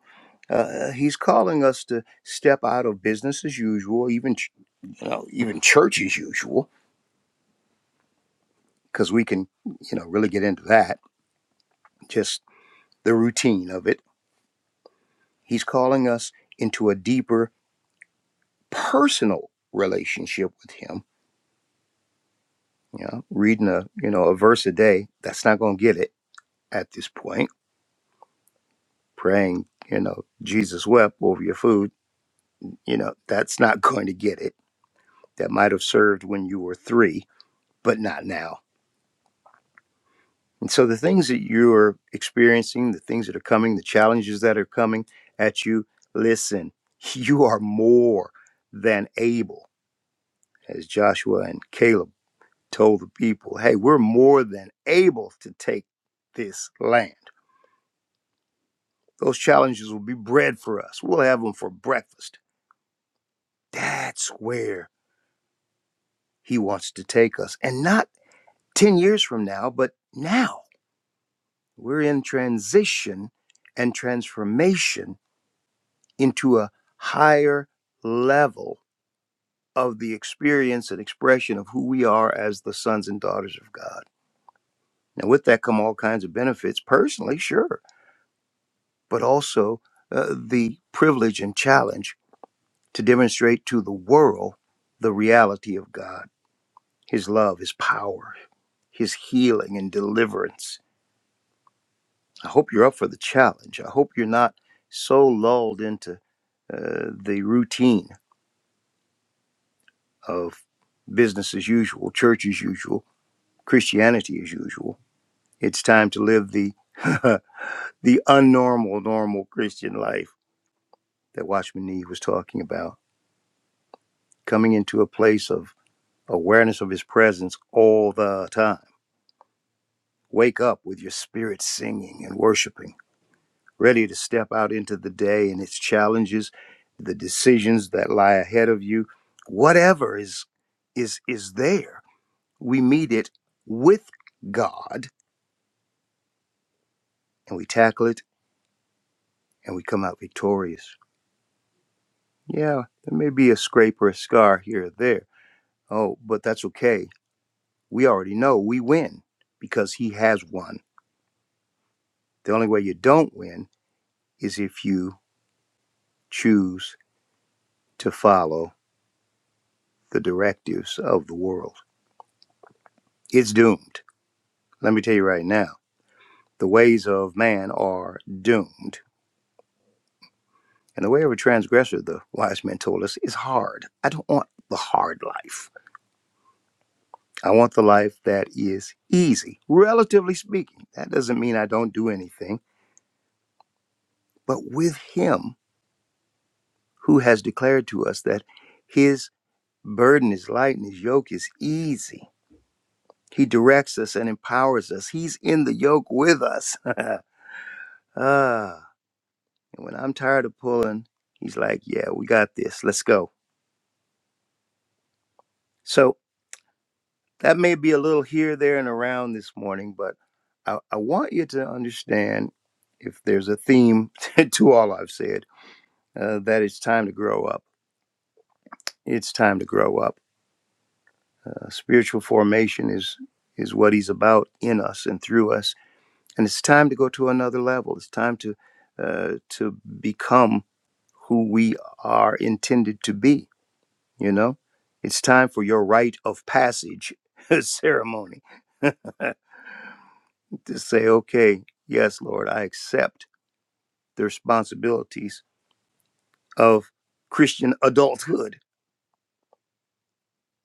Speaker 5: uh, he's calling us to step out of business as usual, even ch- you know, even church as usual, because we can, you know, really get into that, just the routine of it. He's calling us into a deeper personal relationship with him. You know, reading a you know a verse a day, that's not going to get it at this point praying, you know, Jesus wept over your food, you know, that's not going to get it. That might have served when you were three, but not now. And so the things that you're experiencing, the things that are coming, the challenges that are coming at you, listen, you are more than able, as Joshua and Caleb told the people, hey, we're more than able to take this land. Those challenges will be bread for us. We'll have them for breakfast. That's where he wants to take us. And not 10 years from now, but now. We're in transition and transformation into a higher level of the experience and expression of who we are as the sons and daughters of God. Now, with that come all kinds of benefits, personally, sure, but also uh, the privilege and challenge to demonstrate to the world the reality of God, His love, His power, His healing and deliverance I hope you're up for the challenge. I hope you're not so lulled into uh, the routine of business as usual, church as usual, Christianity as usual. It's time to live the the unnormal, normal Christian life that Watchman Nee was talking about. Coming into a place of awareness of His presence all the time. Wake up with your spirit singing and worshiping ready to step out into the day and its challenges, the decisions that lie ahead of you, whatever is is is there. We meet it with God and we tackle it and we come out victorious. Yeah, there may be a scrape or a scar here or there. Oh, but that's okay. We already know we win because he has won. The only way you don't win is if you choose to follow the directives of the world. It's doomed. Let me tell you right now The ways of man are doomed. And the way of a transgressor, the wise men told us, is hard. I don't want the hard life. I want the life that is easy, relatively speaking. That doesn't mean I don't do anything. But with him who has declared to us that his burden is light and his yoke is easy, he directs us and empowers us. He's in the yoke with us. ah, and when I'm tired of pulling, he's like, yeah, we got this. Let's go. So That may be a little here, there, and around this morning, but I, I want you to understand if there's a theme to all I've said, uh, that it's time to grow up. It's time to grow up. Uh, spiritual formation is is what he's about in us and through us, and it's time to go to another level. It's time to uh, to become who we are intended to be. You know, it's time for your rite of passage ceremony. to say, okay, yes, Lord, I accept the responsibilities of Christian adulthood.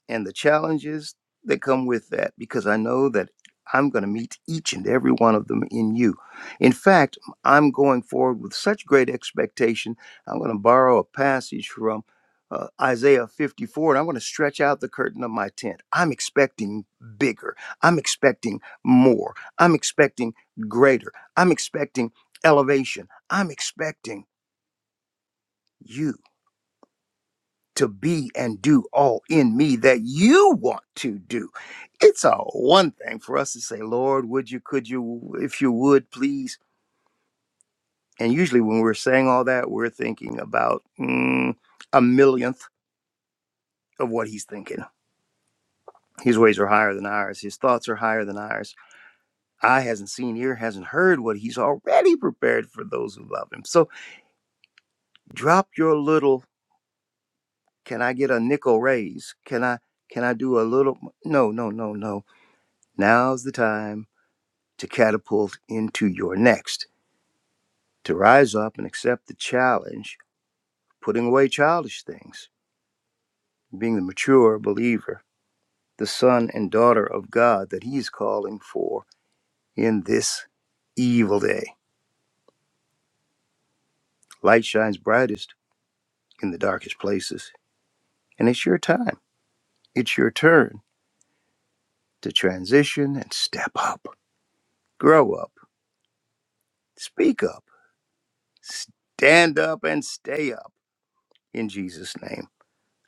Speaker 5: and the challenges that come with that because I know that I'm going to meet each and every one of them in you. In fact, I'm going forward with such great expectation. I'm going to borrow a passage from uh, Isaiah 54 and I'm going to stretch out the curtain of my tent. I'm expecting bigger. I'm expecting more. I'm expecting greater. I'm expecting elevation. I'm expecting you to be and do all in me that you want to do. It's a one thing for us to say, Lord, would you, could you, if you would, please. And usually when we're saying all that, we're thinking about mm, a millionth of what he's thinking. His ways are higher than ours, his thoughts are higher than ours. Eye hasn't seen, ear hasn't heard what he's already prepared for those who love him. So drop your little, can I get a nickel raise? Can I, can I do a little? No, no, no, no. Now's the time to catapult into your next, to rise up and accept the challenge, putting away childish things, being the mature believer, the son and daughter of God that He's calling for in this evil day. Light shines brightest in the darkest places, and it's your time. It's your turn to transition and step up, grow up, speak up, stand up, and stay up. In Jesus' name,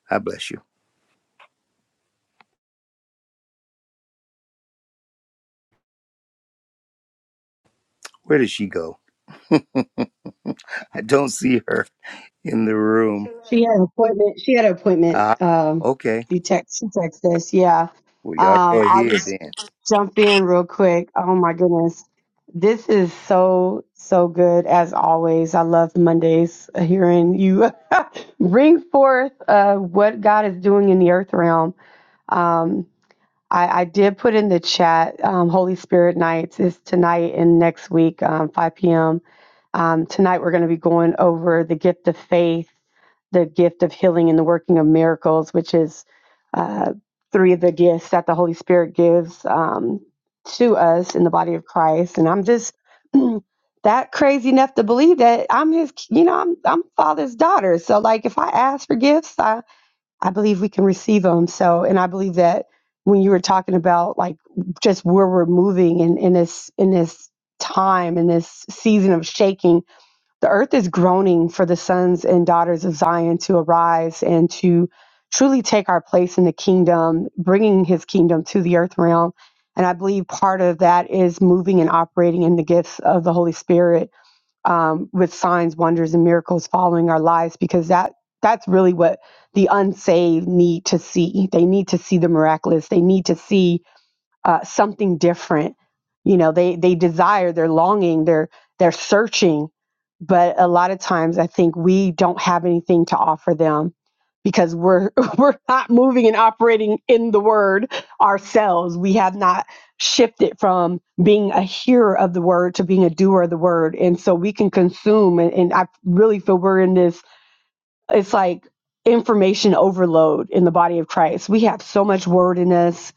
Speaker 5: I bless you. Where did she go? I don't see her. in the room.
Speaker 4: She had an appointment. She had an appointment.
Speaker 5: Ah,
Speaker 4: Um,
Speaker 5: okay.
Speaker 4: you text. She texted us. Yeah.
Speaker 5: Well, y'all
Speaker 4: Um,
Speaker 5: go
Speaker 4: I'll
Speaker 5: ahead
Speaker 4: just
Speaker 5: then.
Speaker 4: jump in real quick. Oh my goodness, this is so so good as always. I love Mondays. uh, Hearing you bring forth uh, what God is doing in the earth realm. Um, I, I did put in the chat um, Holy Spirit Nights is tonight and next week, um, 5 p.m. Um, tonight, we're going to be going over the gift of faith, the gift of healing, and the working of miracles, which is uh, three of the gifts that the Holy Spirit gives um, to us in the body of Christ. And I'm just that crazy enough to believe that I'm his, you know, I'm, I'm Father's daughter. So, like, if I ask for gifts, I I believe we can receive them. So, and I believe that when you were talking about like just where we're moving in, in this in this time in this season of shaking, the earth is groaning for the sons and daughters of Zion to arise and to truly take our place in the kingdom, bringing His kingdom to the earth realm. And I believe part of that is moving and operating in the gifts of the Holy Spirit um, with signs, wonders, and miracles following our lives because that that's really what the unsaved need to see. They need to see the miraculous. They need to see uh, something different. You know, they they desire, they're longing, they're they're searching, but a lot of times I think we don't have anything to offer them because we're we're not moving and operating in the word ourselves. We have not shifted from being a hearer of the word to being a doer of the word. And so we can consume and, and I really feel we're in this it's like information overload in the body of Christ. We have so much word in us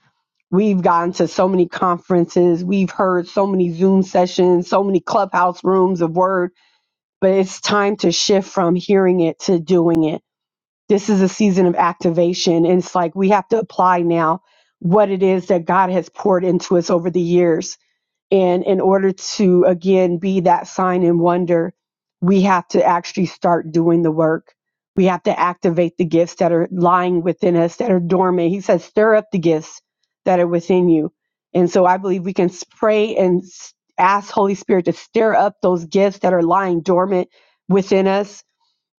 Speaker 4: We've gone to so many conferences. We've heard so many Zoom sessions, so many clubhouse rooms of word, but it's time to shift from hearing it to doing it. This is a season of activation. And it's like we have to apply now what it is that God has poured into us over the years and in order to, again, be that sign and wonder, we have to actually start doing the work. We have to activate the gifts that are lying within us, that are dormant. He says, stir up the gifts that are within you. And so I believe we can pray and s- ask Holy Spirit to stir up those gifts that are lying dormant within us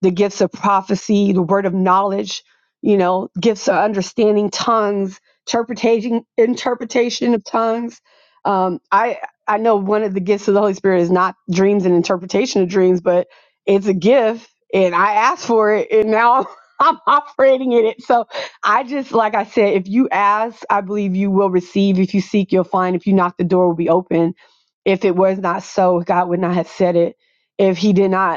Speaker 4: the gifts of prophecy, the word of knowledge, you know, gifts of understanding tongues, interpretation, interpretation of tongues. Um, I I know one of the gifts of the Holy Spirit is not dreams and interpretation of dreams, but it's a gift, and I asked for it, and now I'm operating in it. So I just, like I said, if you ask, I believe you will receive. If you seek, you'll find. If you knock, the door will be open. If it was not so, God would not have said it. If He did not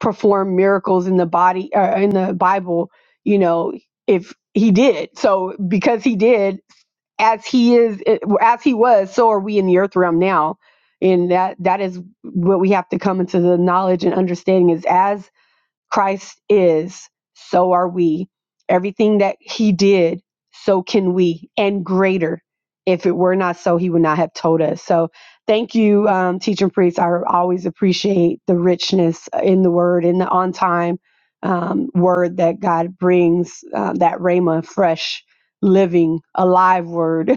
Speaker 4: perform miracles in the body uh, in the bible you know if he did so because he did as he is eh, as he was so are we in the earth realm now and that that is what we have to come into the knowledge and understanding is as Christ is, so are we. Everything that he did, so can we, and greater. If it were not so, he would not have told us. So thank you, um, teaching priest. I always appreciate the richness uh, in the word, in the on time um, word that God brings, uh, that Rhema, fresh, living, alive word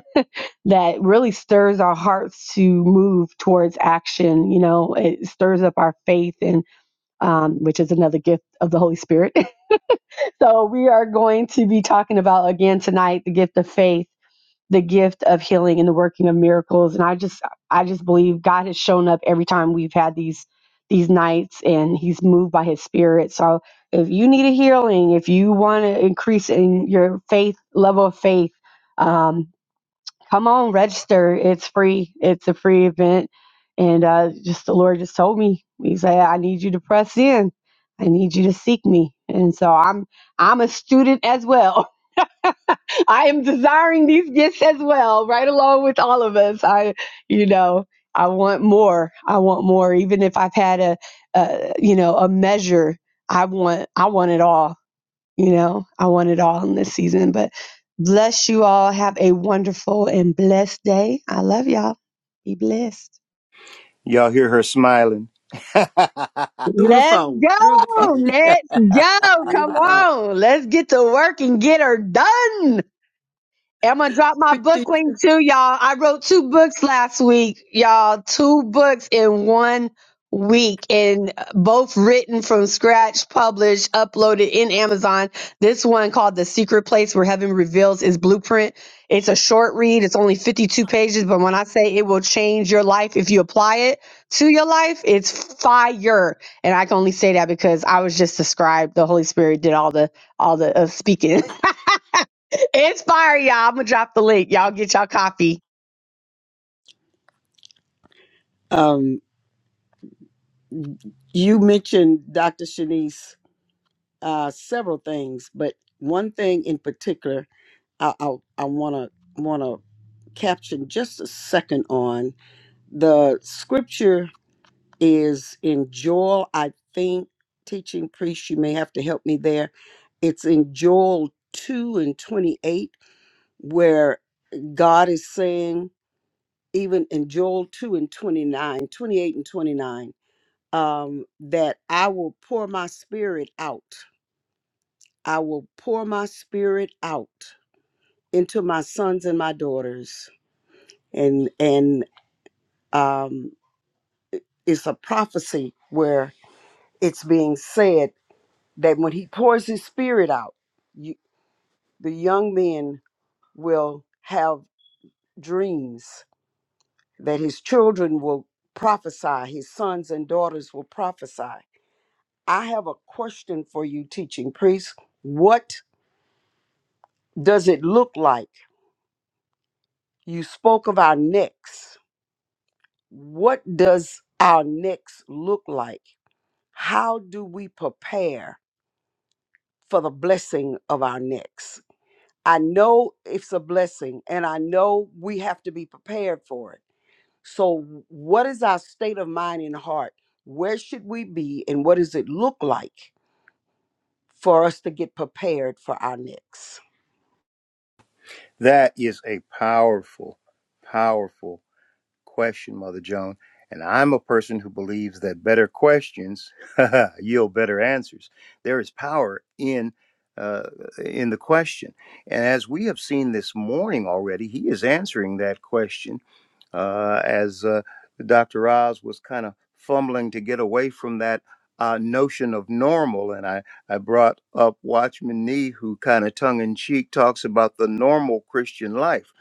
Speaker 4: that really stirs our hearts to move towards action. You know, it stirs up our faith and um, which is another gift of the Holy Spirit. so, we are going to be talking about again tonight the gift of faith, the gift of healing, and the working of miracles. And I just, I just believe God has shown up every time we've had these these nights, and He's moved by His Spirit. So, if you need a healing, if you want to increase in your faith level of faith. Um, come on, register. It's free. It's a free event. And uh, just the Lord just told me, He said, I need you to press in. I need you to seek me. And so I'm I'm a student as well. I am desiring these gifts as well, right along with all of us. I, you know, I want more. I want more. Even if I've had a, a you know, a measure, I want I want it all. You know, I want it all in this season. But bless you all. Have a wonderful and blessed day. I love y'all. Be blessed.
Speaker 5: Y'all hear her smiling.
Speaker 3: Through the
Speaker 4: Let's
Speaker 3: phone, through the
Speaker 4: go.
Speaker 3: phone,
Speaker 4: Let's go.
Speaker 3: through
Speaker 4: Come
Speaker 3: the phone.
Speaker 4: on. Let's get to work and get her done. I'm gonna drop my book
Speaker 3: 52.
Speaker 4: link too, y'all. I wrote two books last week, y'all. Two books in one week, and both written from scratch, published, uploaded in Amazon. This one called "The Secret Place Where Heaven Reveals Its Blueprint." It's a short read. It's only 52 pages, but when I say it will change your life if you apply it to your life, it's fire. And I can only say that because I was just described. The Holy Spirit did all the all the uh, speaking. Inspire y'all. I'm gonna drop the link. Y'all get y'all coffee.
Speaker 3: Um, you mentioned, Dr. Shanice, uh, several things, but one thing in particular I, I, I want to want to caption just a second on the scripture is in Joel, I think, teaching priest, you may have to help me there. It's in Joel 2 and 28, where God is saying, even in Joel 2 and 29, 28 and 29, um, that I will pour my spirit out. I will pour my spirit out into my sons and my daughters. And and um it's a prophecy where it's being said that when he pours his spirit out, you, the young men will have dreams, that his children will prophesy, his sons and daughters will prophesy. I have a question for you, teaching priest. What does it look like? You spoke of our necks. What does our necks look like? How do we prepare for the blessing of our necks? I know it's a blessing and I know we have to be prepared for it. So, what is our state of mind and heart? Where should we be and what does it look like for us to get prepared for our next?
Speaker 5: that is a powerful, powerful question, Mother Joan. And I'm a person who believes that better questions yield better answers. There is power in uh, in the question, and as we have seen this morning already, he is answering that question uh, as uh, Dr. Oz was kind of fumbling to get away from that uh, notion of normal. And I, I brought up Watchman Nee, who kind of tongue in cheek talks about the normal Christian life.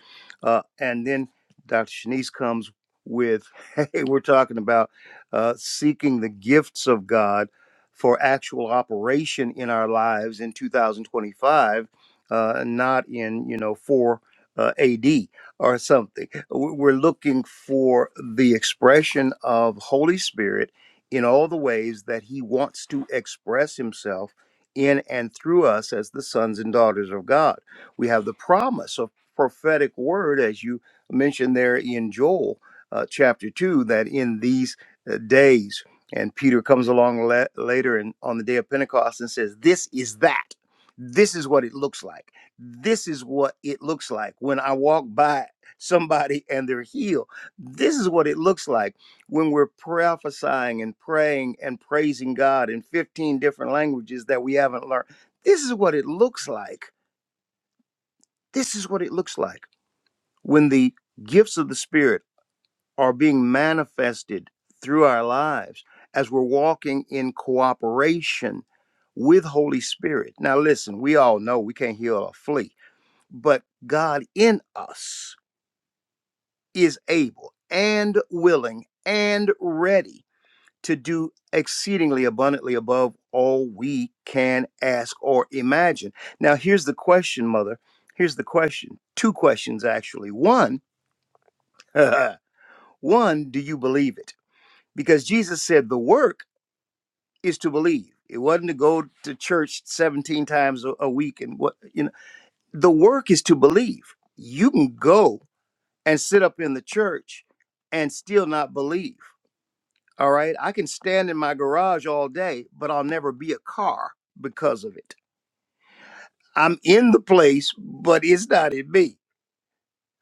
Speaker 5: Uh, and then Dr. Shanice comes with, hey, we're talking about uh, seeking the gifts of God for actual operation in our lives in 2025, uh, not in, you know, 4 uh, AD or something. We- We're looking for the expression of Holy Spirit in all the ways that He wants to express Himself in and through us as the sons and daughters of God. We have the promise of prophetic word, as you mentioned there in Joel uh, chapter 2, that in these uh, days, and Peter comes along la- later and on the day of Pentecost and says, This is that. This is what it looks like this is what it looks like when I walk by somebody and they're healed. This is what it looks like when we're prophesying and praying and praising God in 15 different languages that we haven't learned. This is what it looks like. This is what it looks like when the gifts of the Spirit are being manifested through our lives as we're walking in cooperation with Holy Spirit. Now listen, we all know we can't heal a flea, but God in us is able and willing and ready to do exceedingly abundantly above all we can ask or imagine. Now, here's the question, Mother. Here's the question. Two questions, actually. One, one, do you believe it? Because Jesus said the work is to believe. It wasn't to go to church 17 times a a week and what, you know, the work is to believe. You can go and sit up in the church and still not believe All right. I can stand in my garage all day, but I'll never be a car because of it. I'm in the place, but it's not in me.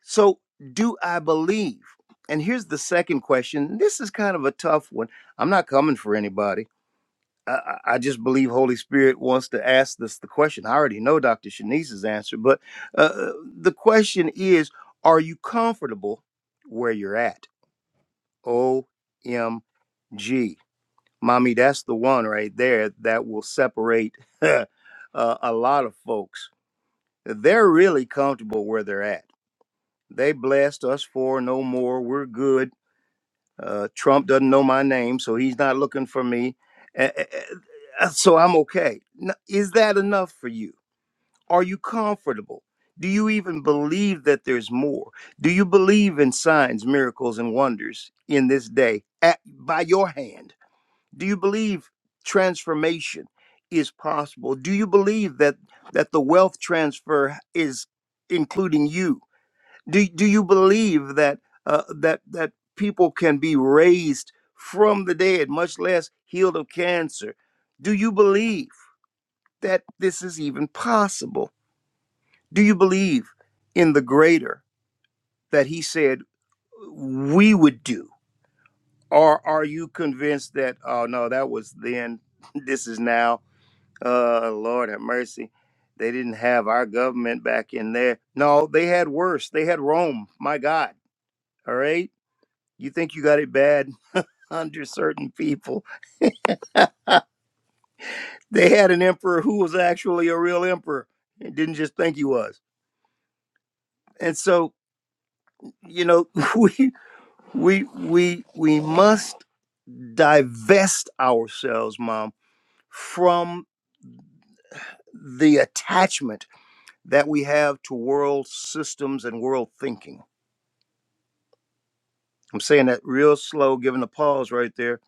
Speaker 5: So, do I believe? And here's the second question. This is kind of a tough one. I'm not coming for anybody. I, I I just believe Holy Spirit wants to ask us the question. I already know Dr. Shanice's answer, but uh, uh, the question is Are you comfortable where you're at? OMG. mommy that's the one right there that will separate uh, a lot of folks they're really comfortable where they're at they blessed us for no more we're good uh, trump doesn't know my name so he's not looking for me Eh, eh, eh, eh, so i'm okay N- is that enough for you are you comfortable do you even believe that there's more do you believe in signs miracles and wonders in this day at, by your hand do you believe transformation is possible? Do you believe that that the wealth transfer is including you? Do do you believe that uh, that that people can be raised from the dead, much less healed of cancer? Do you believe that this is even possible? Do you believe in the greater that he said we would do? Or are you convinced that oh no, that was then, this is now? Uh, Lord have mercy. They didn't have our government back in there. No, they had worse. They had Rome. My God. All right. You think you got it bad under certain people. They had an emperor who was actually a real emperor and didn't just think he was. And so, you know, we we we we must divest ourselves, mom, from the attachment that we have to world systems and world thinking I'm saying that real slow, giving a pause right there.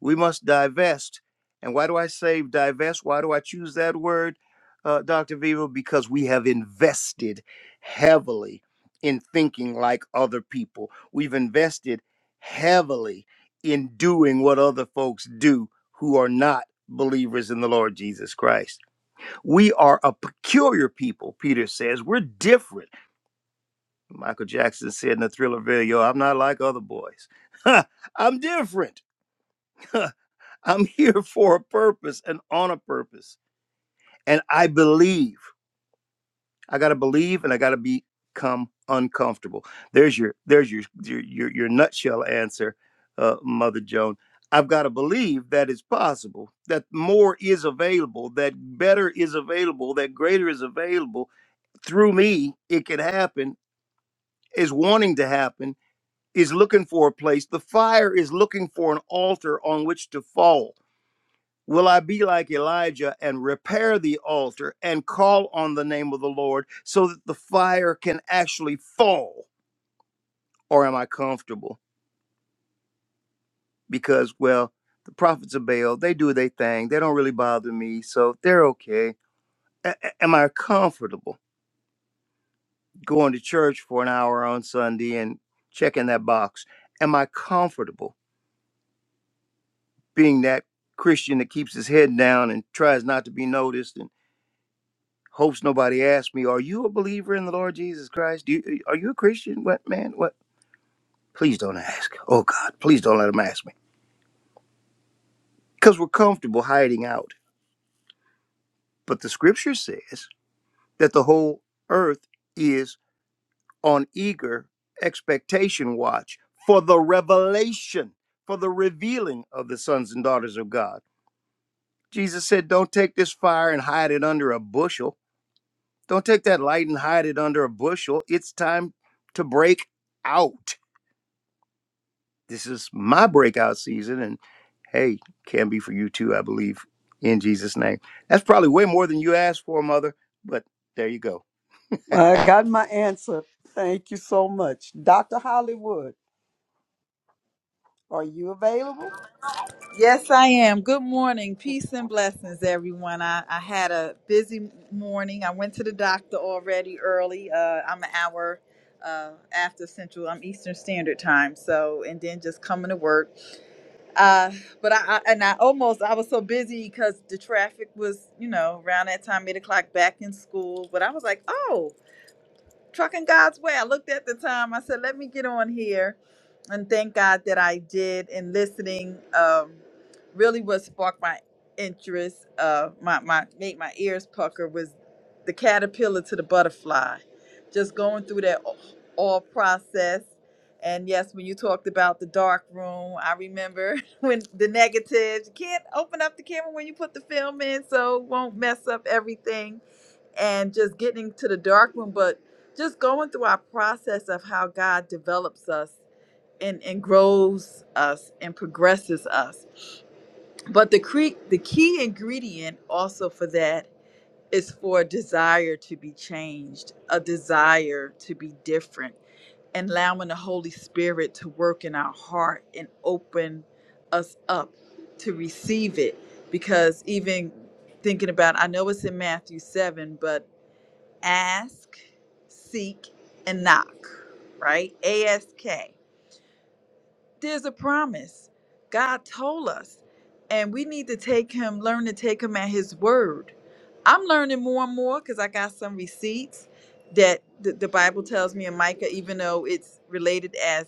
Speaker 5: We must divest. And why do I say divest? Why do I choose that word, uh, Dr. Viva? Because we have invested heavily in thinking like other people. We've invested heavily in doing what other folks do who are not believers in the Lord Jesus Christ. We are a peculiar people, Peter says. We're different. Michael Jackson said in the thriller video, I'm not like other boys. I'm different. I'm here for a purpose and on a purpose. And I believe. I gotta believe and I gotta become uncomfortable. There's your there's your your your, your nutshell answer, uh, Mother Joan. I've got to believe that it's possible, that more is available, that better is available, that greater is available. Through me, it can happen, is wanting to happen is looking for a place. The fire is looking for an altar on which to fall. Will I be like Elijah and repair the altar and call on the name of the Lord so that the fire can actually fall? Or am I comfortable? Because, well, the prophets of Baal, they do their thing. They don't really bother me, so they're okay. A- a- am I comfortable going to church for an hour on Sunday and checking that box? Am I comfortable? being that Christian that keeps his head down and tries not to be noticed and hopes nobody asks me, "Are you a believer in the Lord Jesus Christ? Do you, are you a Christian?" What man? What? Please don't ask. Oh God, please don't let them ask me because we're comfortable hiding out. But the Scripture says that the whole earth is on eager expectation watch for the revelation, for the revealing of the sons and daughters of God. Jesus said, "Don't take this fire and hide it under a bushel." Don't take that light and hide it under a bushel. It's time to break out. This is my breakout season, and hey, can be for you too, I believe, in Jesus' name. That's probably way more than you asked for, mother, but there you go.
Speaker 3: I got my answer. Thank you so much. Dr. Hollywood, are you available?
Speaker 6: Yes, I am. Good morning. Peace and blessings, everyone. I, I had a busy morning. I went to the doctor already early. Uh, I'm an hour uh, after Central. I'm Eastern Standard Time. So, and then just coming to work. Uh, but I, I, and I almost, I was so busy because the traffic was, you know, around that time, eight o'clock back in school. But I was like, oh, trucking God's way. I looked at the time. I said, let me get on here and thank God that I did. And listening um, really what sparked my interest, uh, my, my made my ears pucker was the caterpillar to the butterfly. Just going through that a- all process. And yes, when you talked about the dark room, I remember when the negatives, you can't open up the camera when you put the film in, so it won't mess up everything and just getting to the dark room. but just going through our process of how God develops us and, and grows us and progresses us. But the cre- the key ingredient also for that is for a desire to be changed, a desire to be different, and allowing the Holy Spirit to work in our heart and open us up to receive it. Because even thinking about, I know it's in Matthew 7, but ask, seek, and knock, right? ASK. There's a promise. God told us, and we need to take him, learn to take him at his word. I'm learning more and more because I got some receipts that the, the Bible tells me in Micah, even though it's related as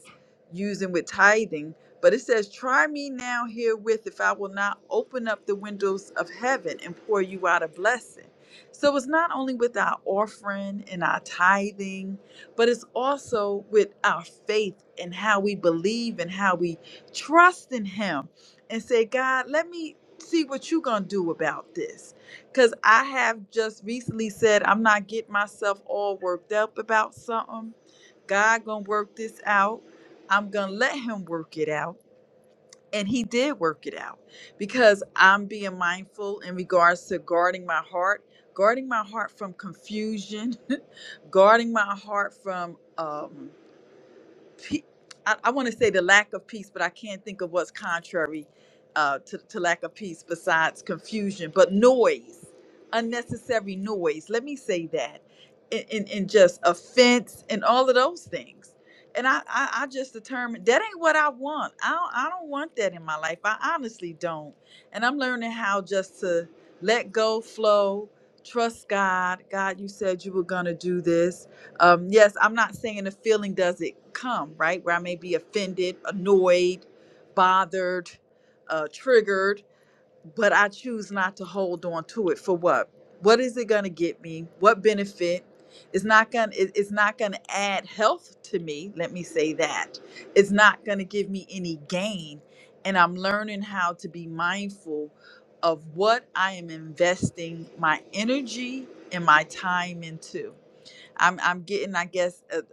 Speaker 6: using with tithing, but it says, Try me now herewith if I will not open up the windows of heaven and pour you out a blessing. So it's not only with our offering and our tithing but it's also with our faith and how we believe and how we trust in Him and say, God, let me see what you're going to do about this. Because I have just recently said, I'm not getting myself all worked up about something. God going to work this out. I'm going to let Him work it out and he did work it out because I'm being mindful in regards to guarding my heart, guarding my heart from confusion, guarding my heart from um, pe- I, I want to say the lack of peace, but I can't think of what's contrary uh, to, to lack of peace besides confusion, but noise, unnecessary noise. Let me say that. And, and, and just offense and all of those things. And I, I, I just determined that ain't what I want. I don't, I don't want that in my life. I honestly don't. And I'm learning how just to let go, flow, trust God. God, you said you were going to do this um, yes, I'm not saying the feeling doesn't come, right? Where I may be offended, annoyed, bothered, uh, triggered, but I choose not to hold on to it for what? What is it going to get me? What benefit? It's not going to it's not going to add health to me, let me say that. It's not going to give me any gain, and I'm learning how to be mindful of what I am investing my energy and my time into I'm I'm getting, I guess, a,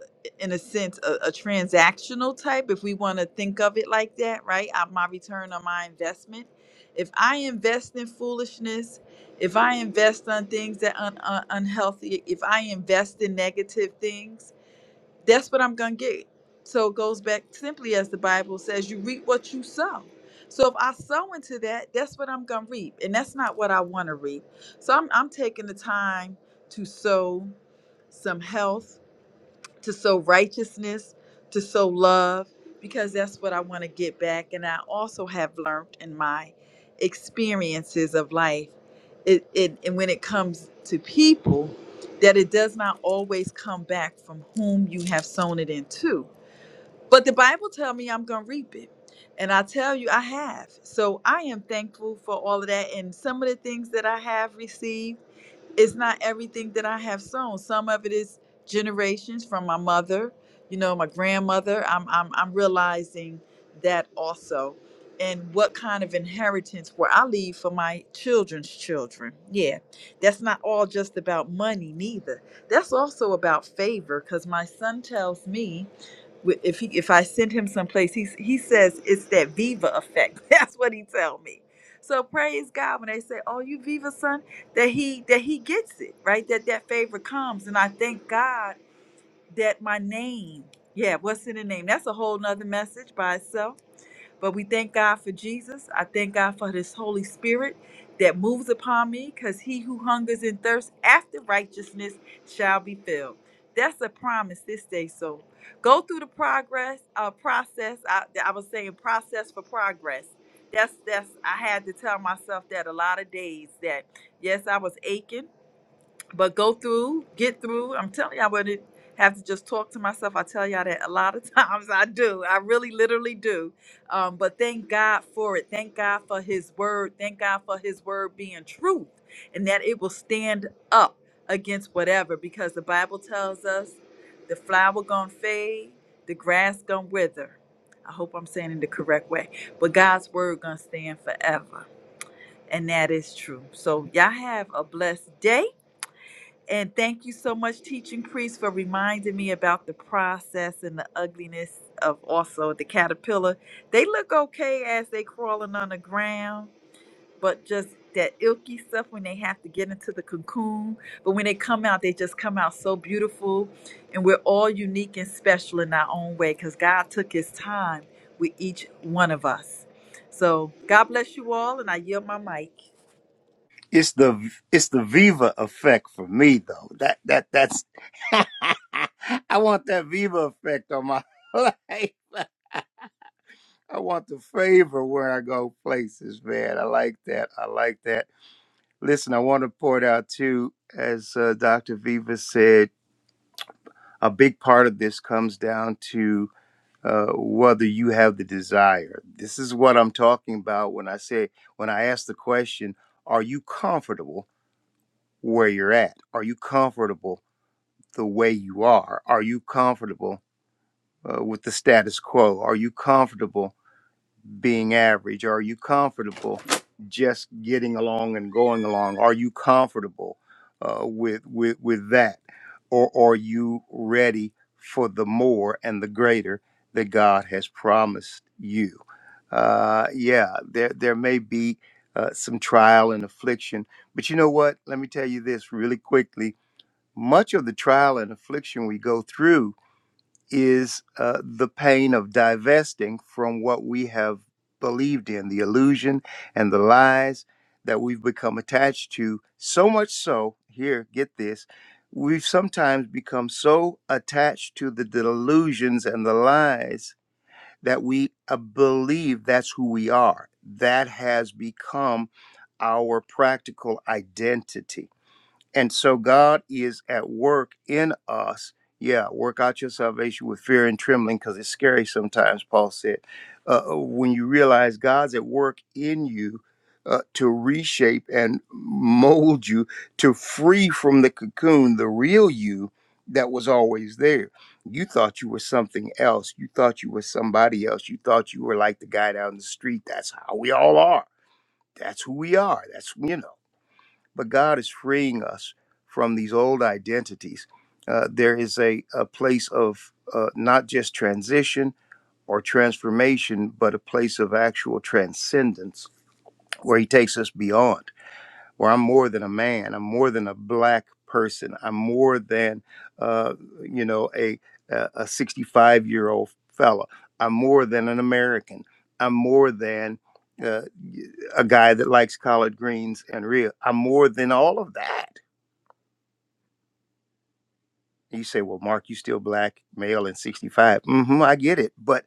Speaker 6: in a sense, a, a transactional type, if we want to think of it like that, right? Uh, my return on my investment. If I invest in foolishness, if I invest on things that are un, un- unhealthy, if I invest in negative things that's what I'm going to get. So it goes back simply as the Bible says, you reap what you sow. So if I sow into that, that's what I'm going to reap. And that's not what I want to reap. So I'm, I'm taking the time to sow some health to sow righteousness, to sow love, because that's what I want to get back. And I also have learned in my experiences of life, it, it and when it comes to people, that it does not always come back from whom you have sown it into. But the Bible tell me I'm gonna reap it. And I tell you I have. So I am thankful for all of that and some of the things that I have received it's not everything that I have sown. Some of it is generations from my mother, you know, my grandmother. I'm I'm I'm realizing that also. And what kind of inheritance will I leave for my children's children? Yeah, that's not all just about money, neither. That's also about favor, because my son tells me with- if he if I send him someplace, he he says it's that Viva effect. That's what he tell me. So praise God when they say, "Oh, you Viva son," that he that he gets it right. That that favor comes, and I thank God that my name. Yeah, what's in the name? That's a whole nother message by itself. But we thank God for Jesus. I thank God for this Holy Spirit that moves upon me because he who hungers and thirsts after righteousness shall be filled. That's a promise this day. So go through the progress, uh, process. I, I was saying process for progress. That's that's I had to tell myself that a lot of days that yes, I was aching but go through, get through. I'm telling you, I wouldn't have to just talk to myself. I tell y'all that a lot of times I do. I really literally do. Um, but thank God for it. Thank God for his word. Thank God for his word being truth and that it will stand up against whatever because the Bible tells us the flower gonna fade, the grass gonna wither. I hope I'm saying it the correct way. But God's word gonna stand forever. And that is true. So y'all have a blessed day and thank you so much, teaching priest, for reminding me about the process and the ugliness of also the caterpillar. They look okay as they crawling on the ground, but just that ilky stuff when they have to get into the cocoon. But when they come out, they just come out so beautiful. And we're all unique and special in our own way because God took his time with each one of us. So God bless you all, and I yield my mic.
Speaker 5: It's the it's the Viva effect for me though. That that that's I want that Viva effect on my life. I want the favor where I go places, man. I like that. I like that. Listen, I want to point out too, as uh, Dr. Viva said, a big part of this comes down to uh, whether you have the desire. This is what I'm talking about when I say, when I ask the question, are you comfortable where you're at? Are you comfortable the way you are? Are you comfortable uh, with the status quo? Are you comfortable being average? Are you comfortable just getting along and going along? Are you comfortable uh, with with with that, or are you ready for the more and the greater that God has promised you? Uh, yeah, there there may be uh, some trial and affliction, but you know what? Let me tell you this really quickly. Much of the trial and affliction we go through is uh, the pain of divesting from what we have believed in, the illusion and the lies that we've become attached to. So much so, here, get this, we've sometimes become so attached to the delusions and the lies that we uh, believe that's who we are. That has become our practical identity and so God is at work in us. Yeah, work out your salvation with fear and trembling because it's scary sometimes, Paul said. Uh, uh, when you realize God's at work in you uh, to reshape and mold you to free from the cocoon, the real you that was always there. You thought you were something else. You thought you were somebody else. You thought you were like the guy down the street. That's how we all are. That's who we are. That's, you know but God is freeing us from these old identities. Uh, there is a, a place of uh, not just transition or transformation, but a place of actual transcendence where He takes us beyond, where I'm more than a man, I'm more than a black person, I'm more than, uh, you know, a, a 65 year old fella, I'm more than an American, I'm more than uh, a guy that likes collard greens and rib. I'm more than all of that You say, well, Mark, you still black, male, and 65. mm hmm I get it. But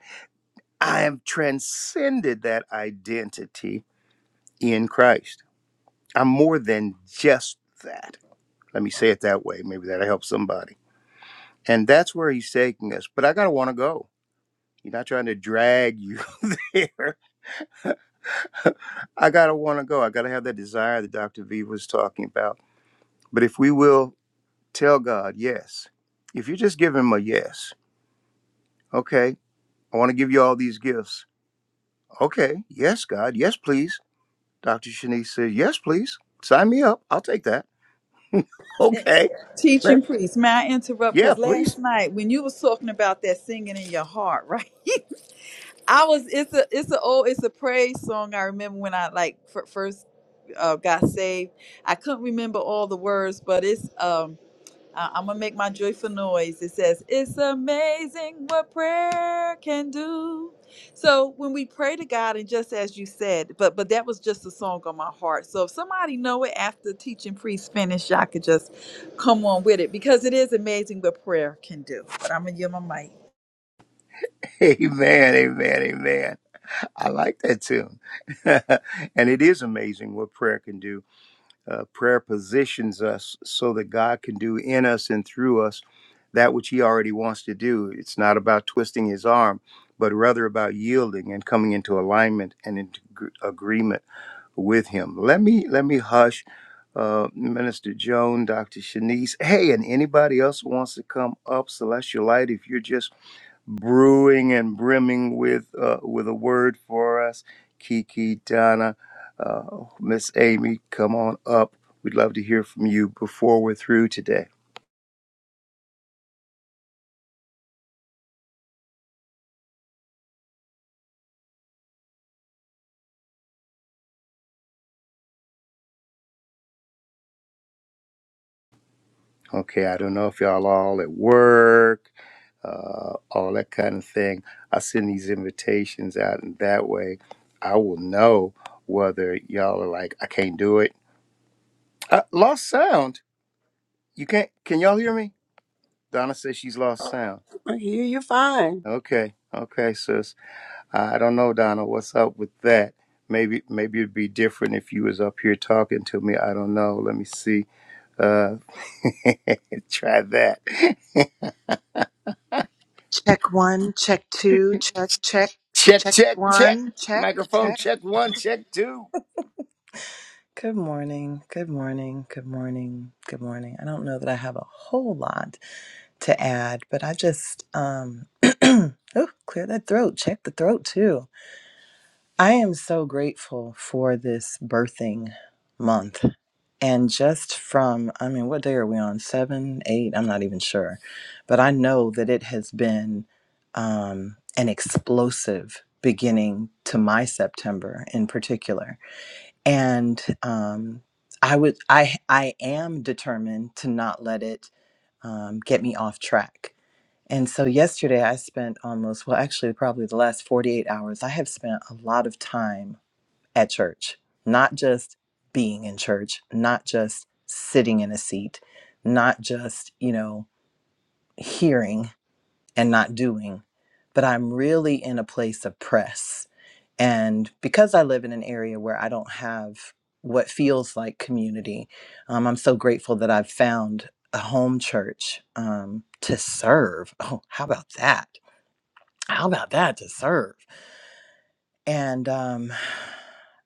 Speaker 5: I am transcended that identity in Christ. I'm more than just that. Let me say it that way. Maybe that'll help somebody. And that's where he's taking us. But I got to want to go. He's not trying to drag you there. I got to want to go. I got to have that desire that Dr. V was talking about. But if we will tell God, yes, if you just give him a yes, okay, I want to give you all these gifts Okay, yes, God, yes, please. Dr. Shanice said, yes, please. Sign me up. I'll take that. Okay.
Speaker 6: Teaching
Speaker 5: Let's-
Speaker 6: priest, may I interrupt?
Speaker 5: Yeah,
Speaker 6: Because
Speaker 5: please.
Speaker 6: last night when you was talking about that singing in your heart, right? I was. It's a. It's a old. It's a praise song. I remember when I like f- first uh, got saved. I couldn't remember all the words, but it's. Um. I- I'm gonna make my joyful noise. It says, "It's amazing what prayer can do." So when we pray to God, and just as you said, but but that was just a song on my heart. So if somebody know it after teaching priest finish, I could just come on with it because it is amazing what prayer can do. But I'm gonna give my mic.
Speaker 5: Amen, amen, amen. I like that tune. and it is amazing what prayer can do. Uh, prayer positions us so that God can do in us and through us that which He already wants to do. It's not about twisting His arm, but rather about yielding and coming into alignment and into gr- agreement with him. Let me let me hush uh, Minister Joan, Dr. Shanice. Hey, and anybody else who wants to come up, Celestial Light, if you're just brewing and brimming with uh, with a word for us, Kiki, Donna, uh, Miss Amy, come on up. We'd love to hear from you before we're through today. Okay, I don't know if y'all all at work uh, all that kind of thing. I send these invitations out, and that way I will know whether y'all are like, I can't do it. Uh, lost sound. You can't, can y'all hear me? Donna says she's lost sound.
Speaker 3: I hear you fine.
Speaker 5: Okay, okay, sis. I don't know, Donna, what's up with that? Maybe, maybe it'd be different if you was up here talking to me. I don't know. Let me see. Uh, try that.
Speaker 7: Check one, check two, check, check,
Speaker 5: check,
Speaker 7: check
Speaker 5: check, check.
Speaker 7: one, check,
Speaker 5: Microphone
Speaker 7: check.
Speaker 5: check one, check two.
Speaker 7: Good morning, good morning, good morning, good morning. I don't know that I have a whole lot to add, but I just, um, oh, clear that throat, check the throat too. I am so grateful for this birthing month. And just from, I mean, what day are we on? Seven, eight? I'm not even sure. But I know that it has been um, an explosive beginning to my September in particular. And um, I would, I, I am determined to not let it um, get me off track and so yesterday I spent almost, well, actually, probably the last 48 hours, I have spent a lot of time at church, not just being in church, not just sitting in a seat, not just, you know, hearing and not doing, but I'm really in a place of press. And because I live in an area where I don't have what feels like community, um, I'm so grateful that I've found a home church um, to serve. Oh, how about that? How about that to serve? And um,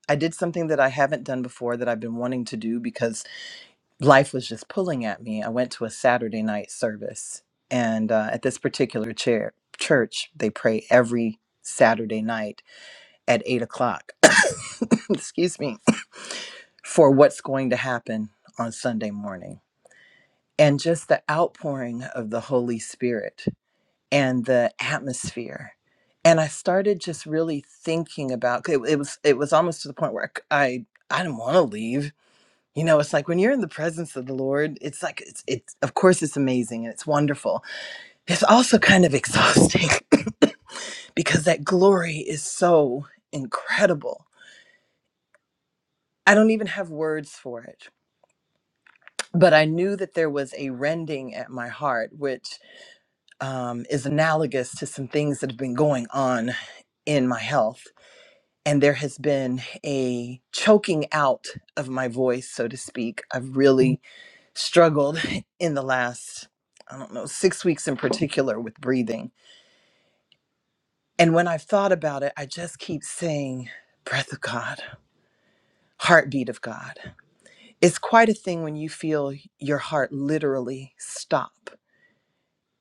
Speaker 7: I did something that I haven't done before that I've been wanting to do because life was just pulling at me. I went to a Saturday night service, and uh, at this particular chair, church, they pray every Saturday night at eight o'clock. Excuse me, for what's going to happen on Sunday morning. And just the outpouring of the Holy Spirit and the atmosphere and i started just really thinking about 'cause it, it was it was almost to the point where i i didn't want to leave you know it's like when you're in the presence of the lord it's like it's it's of course it's amazing and it's wonderful it's also kind of exhausting because that glory is so incredible i don't even have words for it but i knew that there was a rending at my heart which um, is analogous to some things that have been going on in my health and there has been a choking out of my voice, so to speak. I've really struggled in the last, I don't know, six weeks in particular with breathing. And when I've thought about it, I just keep saying, breath of God, heartbeat of God. It's quite a thing when you feel your heart literally stop.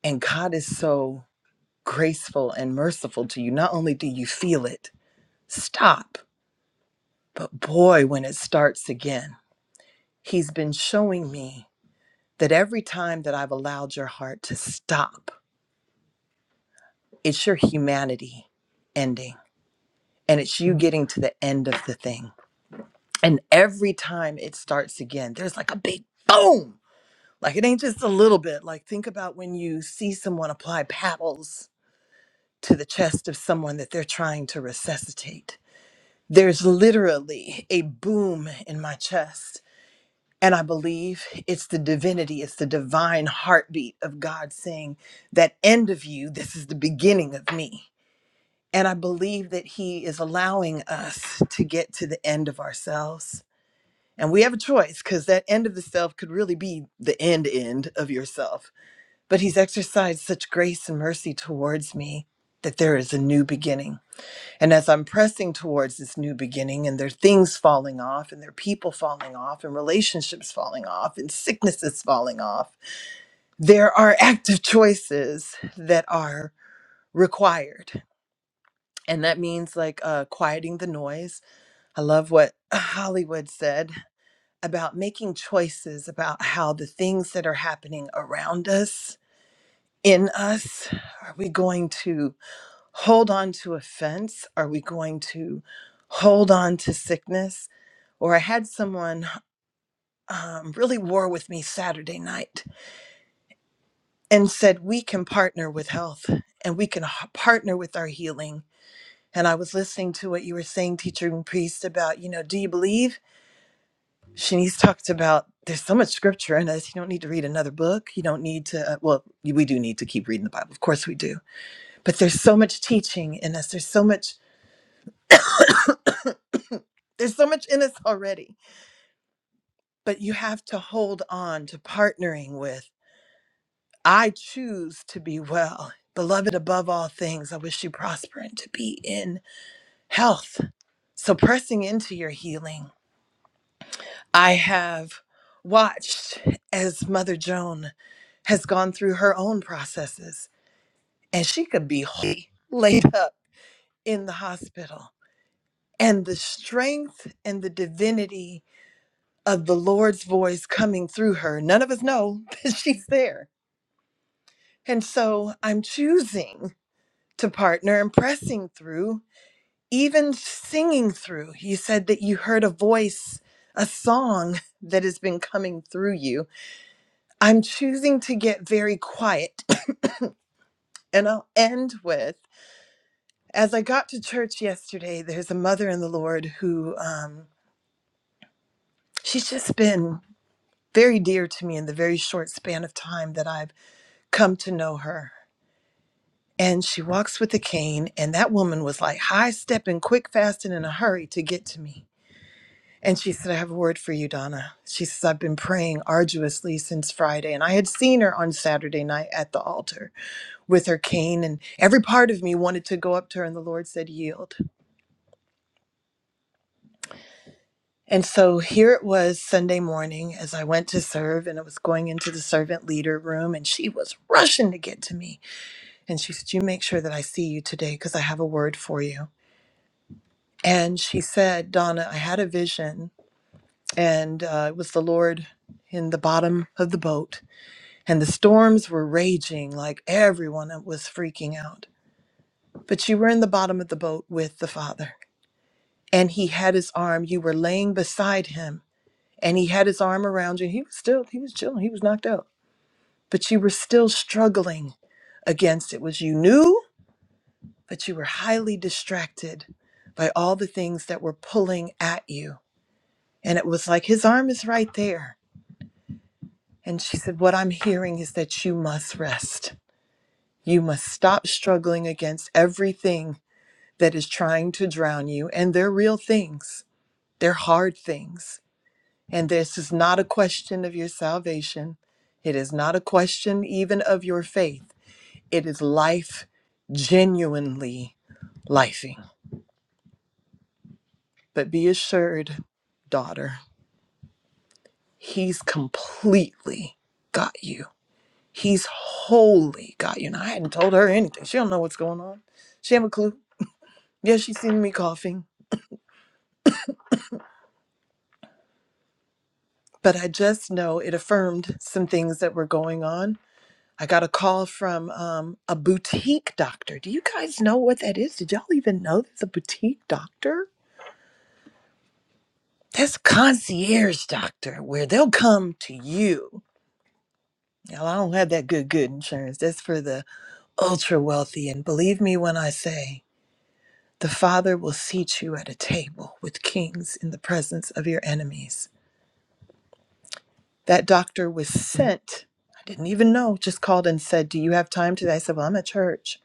Speaker 7: And God is so graceful and merciful to you. Not only do you feel it stop, but boy, when it starts again, He's been showing me. that every time that I've allowed your heart to stop, it's your humanity ending and it's you getting to the end of the thing. And every time it starts again, there's like a big boom. Like it ain't just a little bit. Like think about when you see someone apply paddles to the chest of someone that they're trying to resuscitate. There's literally a boom in my chest And I believe it's the divinity, it's the divine heartbeat of God saying, That end of you, this is the beginning of me. And I believe that He is allowing us to get to the end of ourselves. And we have a choice because that end of the self could really be the end end of yourself. But He's exercised such grace and mercy towards me that there is a new beginning and as I'm pressing towards this new beginning, and there are things falling off, and there are people falling off, and relationships falling off, and sicknesses falling off, there are active choices that are required. And that means like uh, quieting the noise. I love what Hollywood said about making choices about how the things that are happening around us, in us, are we going to? hold on to offense? Are we going to hold on to sickness? Or I had someone um, really war with me Saturday night and said, We can partner with health and we can h- partner with our healing. And I was listening to what you were saying, teacher and priest, about, you know, do you believe? Shanice talked about there's so much scripture in us. You don't need to read another book. You don't need to, uh, well, you- we do need to keep reading the Bible. Of course we do. But there's so much teaching in us. There's so much, there's so much in us already but you have to hold on to partnering with I choose to be well. Beloved above all things, I wish you prosper and to be in health. So pressing into your healing, I have watched as Mother Joan has gone through her own processes and she could be wholly laid up in the hospital. And the strength and the divinity of the Lord's voice coming through her, none of us know that she's there And so I'm choosing to partner and pressing through, even singing through. You said that you heard a voice, a song that has been coming through you. I'm choosing to get very quiet. And I'll end with as I got to church yesterday, there's a mother in the Lord who um, she's just been very dear to me in the very short span of time that I've come to know her. and she walks with a cane and that woman was like high stepping quick fast and in a hurry to get to me and she said i have a word for you donna she says i've been praying arduously since friday and i had seen her on saturday night at the altar with her cane and every part of me wanted to go up to her and the lord said yield and so here it was sunday morning as i went to serve and i was going into the servant leader room and she was rushing to get to me and she said you make sure that i see you today because i have a word for you And she said, Donna, I had a vision, and uh, it was the Lord in the bottom of the boat, and the storms were raging like everyone was freaking out. But you were in the bottom of the boat with the Father, and He had His arm. You were laying beside Him, and He had His arm around you. He was still, He was chilling, He was knocked out, but you were still struggling against it. Was you knew, but you were highly distracted by all the things that were pulling at you And it was like, his arm is right there. And she said, What I'm hearing is that you must rest. You must stop struggling against everything that is trying to drown you. And they're real things, they're hard things. And this is not a question of your salvation. It is not a question even of your faith. It is life genuinely lifing. But be assured, daughter, he's completely got you. He's holy, God. You know, I hadn't told her anything. She don't know what's going on. She have a clue. Yeah, she's seen me coughing, but I just know it affirmed some things that were going on. I got a call from um, a boutique doctor. Do you guys know what that is? Did y'all even know there's a boutique doctor? That's concierge doctor, where they'll come to you. Now, I don't have that good, good insurance. That's for the ultra wealthy. And believe me when I say, The Father will seat you at a table with kings in the presence of your enemies. That doctor was sent. I didn't even know, just called and said, Do you have time today? I said, Well, I'm at church.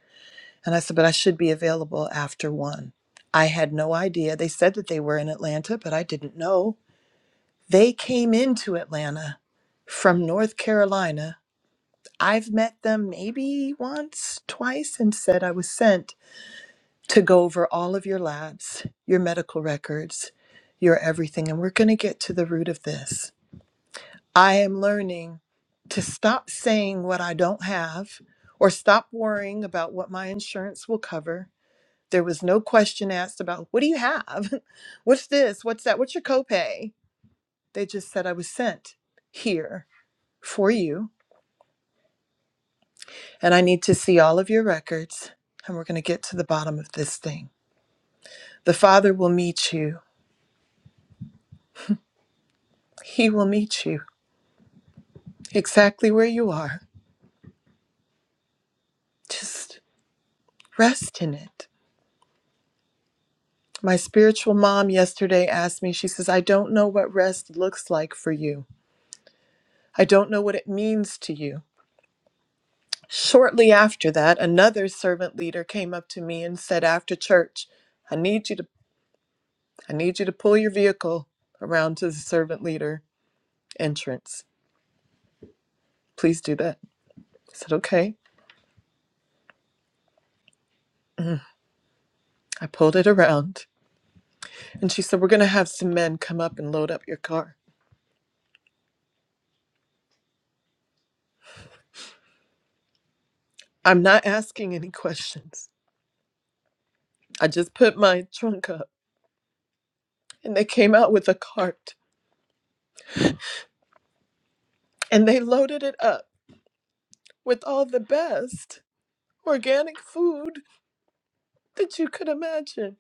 Speaker 7: And I said, But I should be available after one. I had no idea. They said that they were in Atlanta, but I didn't know. They came into Atlanta from North Carolina. I've met them maybe once, twice, and said I was sent to go over all of your labs, your medical records, your everything. And we're going to get to the root of this. I am learning to stop saying what I don't have or stop worrying about what my insurance will cover. There was no question asked about what do you have? What's this? What's that? What's your copay? They just said I was sent here for you and I need to see all of your records and we're going to get to the bottom of this thing. The Father will meet you. He will meet you exactly where you are. Just rest in it. My spiritual mom yesterday asked me, she says, I don't know what rest looks like for you. I don't know what it means to you. Shortly after that, another servant leader came up to me and said after church, I need you to I need you to pull your vehicle around to the servant leader entrance. Please do that. I said, okay. Mm. I pulled it around. And she said, We're gonna have some men come up and load up your car. I'm not asking any questions. I just put my trunk up and they came out with a cart and they loaded it up with all the best organic food that you could imagine.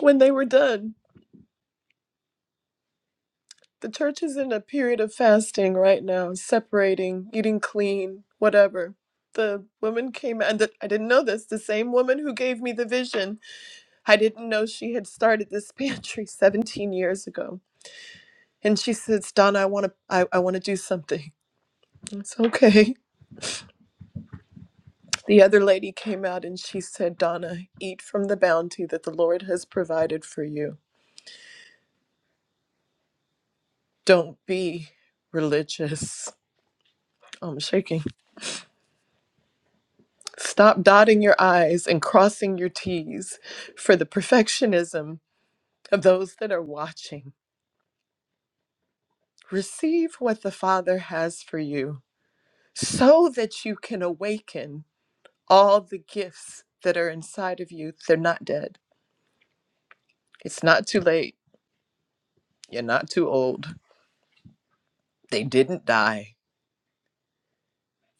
Speaker 7: When they were done, the church is in a period of fasting right now, separating, eating clean, whatever. The woman came, and the, I didn't know this. The same woman who gave me the vision, I didn't know she had started this pantry 17 years ago. And she says, "Donna, I want to, I, I want to do something." It's okay. The other lady came out and she said, Donna, eat from the bounty that the Lord has provided for you. Don't be religious. Oh, I'm shaking. Stop dotting your I's and crossing your T's for the perfectionism of those that are watching. Receive what the Father has for you so that you can awaken all the gifts that are inside of you. They're not dead. It's not too late. You're not too old. They didn't die.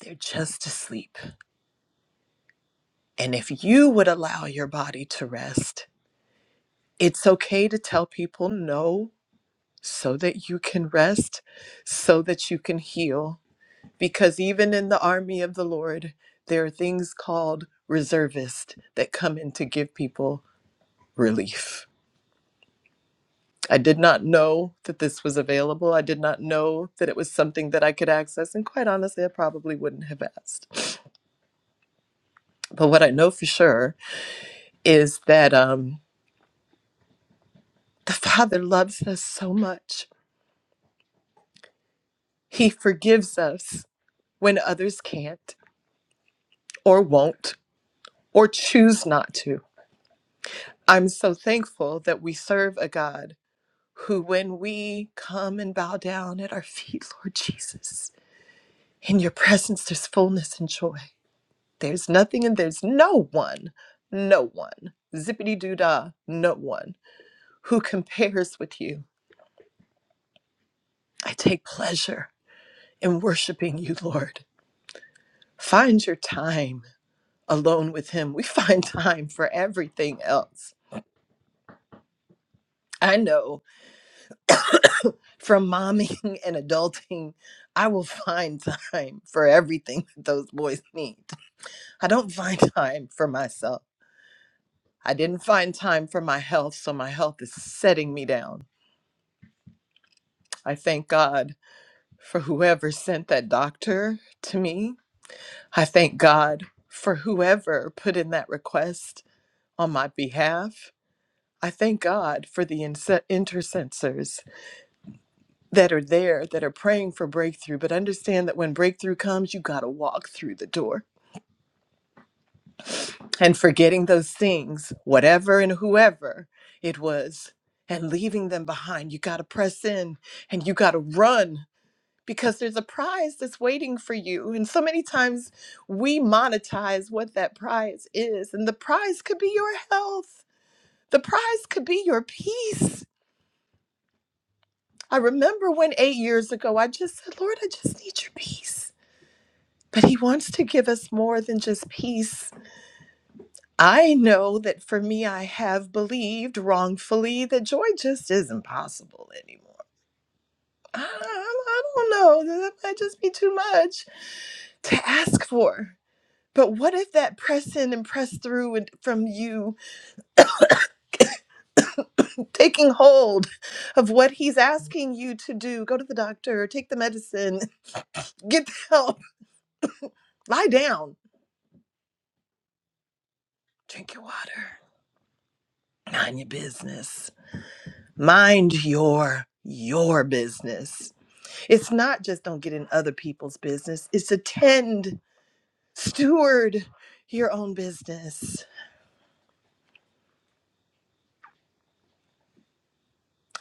Speaker 7: They're just asleep. And if you would allow your body to rest, it's okay to tell people no so that you can rest, so that you can heal. Because even in the army of the Lord, there are things called reservists that come in to give people relief. I did not know that this was available. I did not know that it was something that I could access. And quite honestly, I probably wouldn't have asked. But what I know for sure is that um, the Father loves us so much He forgives us when others can't or won't or choose not to. I'm so thankful that we serve a God who, when we come and bow down at our feet, Lord Jesus, in your presence there's fullness and joy. There's nothing and there's no one, no one, zippity doo dah, no one who compares with you. I take pleasure in worshiping you, Lord. Find your time alone with him, we find time for everything else. I know from momming and adulting, I will find time for everything that those boys need. I don't find time for myself. I didn't find time for my health, so my health is setting me down. I thank God for whoever sent that doctor to me. I thank God for whoever put in that request on my behalf. I thank God for the inse- intercessors that are there that are praying for breakthrough, but understand that when breakthrough comes, you got to walk through the door. And forgetting those things, whatever and whoever it was, and leaving them behind, you got to press in and you got to run because there's a prize that's waiting for you. And so many times we monetize what that prize is, and the prize could be your health, the prize could be your peace. I remember when eight years ago I just said, Lord, I just need your peace. But he wants to give us more than just peace. I know that for me, I have believed wrongfully that joy just isn't possible anymore. I, I don't know. That might just be too much to ask for. But what if that press in and press through and from you taking hold of what he's asking you to do? Go to the doctor, take the medicine, get the help, lie down, drink your water, mind your business. mind your your business it's not just don't get in other people's business it's attend steward your own business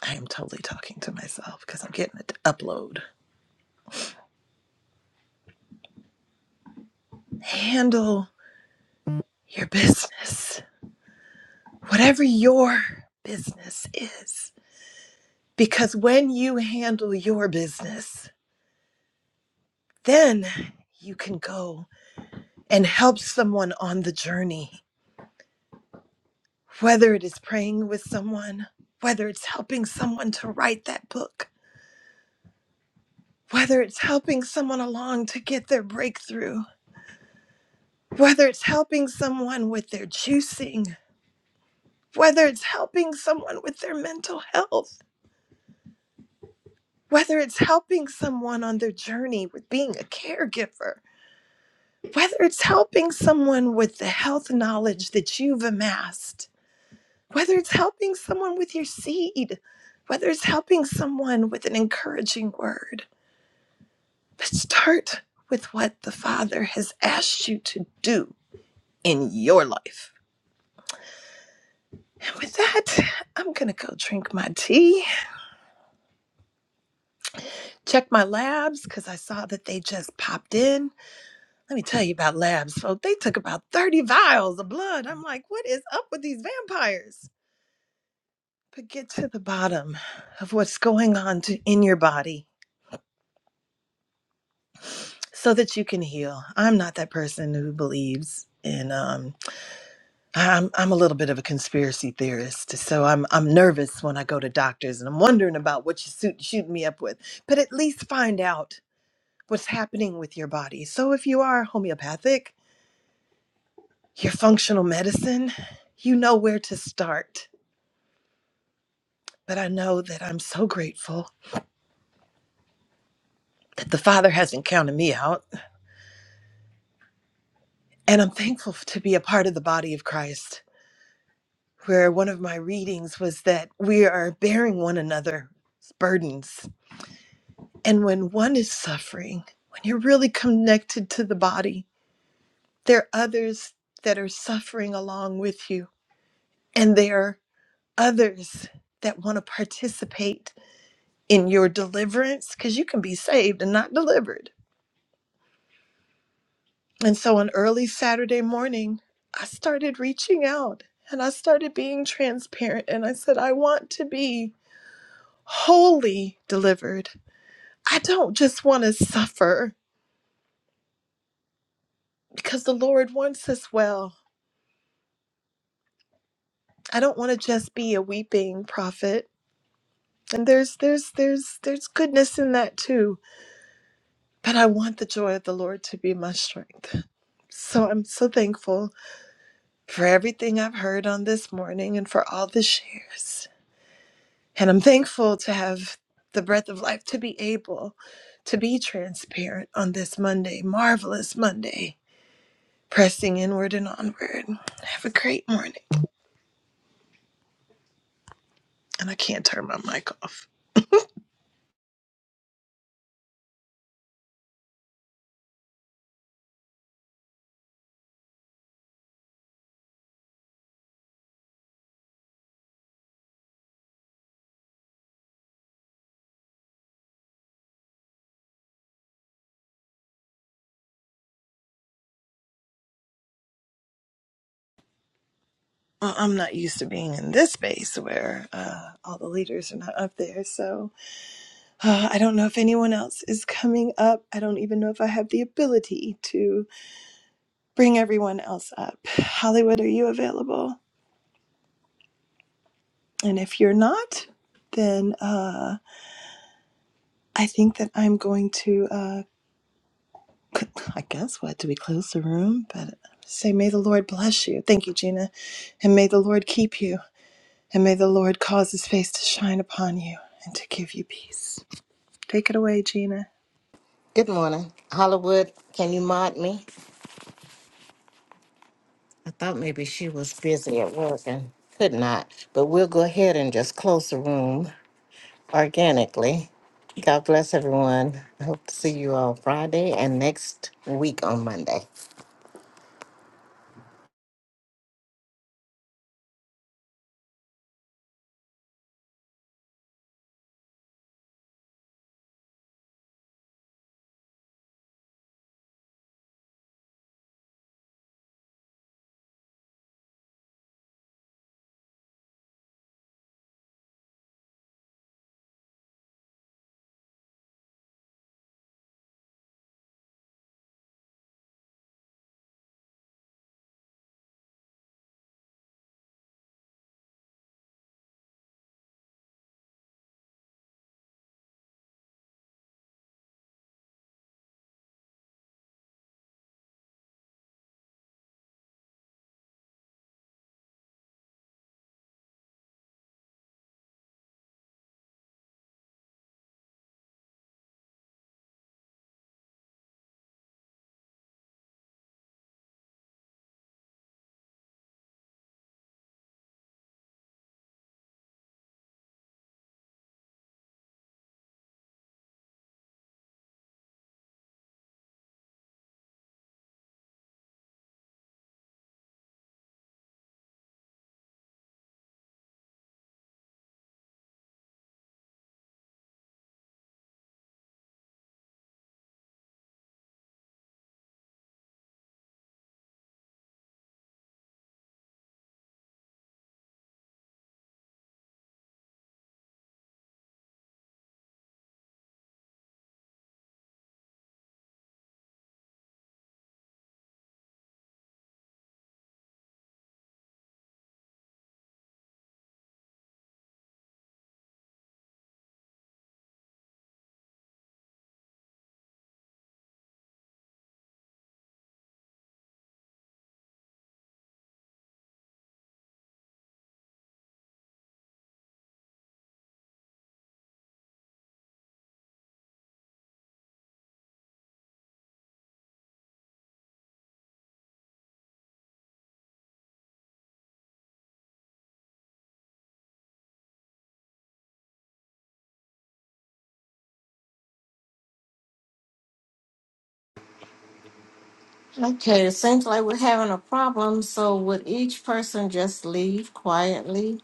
Speaker 7: i am totally talking to myself because i'm getting it to upload handle your business whatever your business is because when you handle your business then you can go and help someone on the journey Whether it is praying with someone, whether it's helping someone to write that book, whether it's helping someone along to get their breakthrough, whether it's helping someone with their juicing, whether it's helping someone with their mental health, whether it's helping someone on their journey with being a caregiver, whether it's helping someone with the health knowledge that you've amassed, whether it's helping someone with your seed, whether it's helping someone with an encouraging word. But start with what the Father has asked you to do in your life. And with that, I'm going to go drink my tea, check my labs, because I saw that they just popped in. Let me tell you about labs, folks. They took about 30 vials of blood. I'm like, what is up with these vampires? But get to the bottom of what's going on to, in your body so that you can heal. I'm not that person who believes in. um, I'm I'm a little bit of a conspiracy theorist, so I'm I'm nervous when I go to doctors, and I'm wondering about what you suit shooting me up with. But at least find out what's happening with your body. So if you are homeopathic, your functional medicine, you know where to start. But I know that I'm so grateful that the Father hasn't counted me out, and I'm thankful to be a part of the body of Christ. Where one of my readings was that we are bearing one another's burdens And when one is suffering, when you're really connected to the body, there are others that are suffering along with you. And there are others that want to participate in your deliverance because you can be saved and not delivered. And so on early Saturday morning, I started reaching out and I started being transparent. And I said, I want to be wholly delivered. I don't just want to suffer because the Lord wants us well. I don't want to just be a weeping prophet. And there's there's there's there's goodness in that too. But I want the joy of the Lord to be my strength. So I'm so thankful for everything I've heard on this morning and for all the shares. And I'm thankful to have the breath of life to be able to be transparent on this Monday, marvelous Monday, pressing inward and onward. Have a great morning. And I can't turn my mic off. well, I'm not used to being in this space where uh, all the leaders are not up there. So uh, I don't know if anyone else is coming up. I don't even know if I have the ability to bring everyone else up. Hollywood, are you available? And if you're not, then uh, I think that I'm going to, uh, c- I guess, what? Do we close the room? But say, may the Lord bless you. Thank you, Gina. And may the Lord keep you. And may the Lord cause his face to shine upon you and to give you peace. Take it away, Gina.
Speaker 8: Good morning. Hollywood, can you mod me? I thought maybe she was busy at work and could not, but we'll go ahead and just close the room organically. God bless everyone. I hope to see you all Friday and next week on Monday. Okay, it seems like we're having a problem, so would each person just leave quietly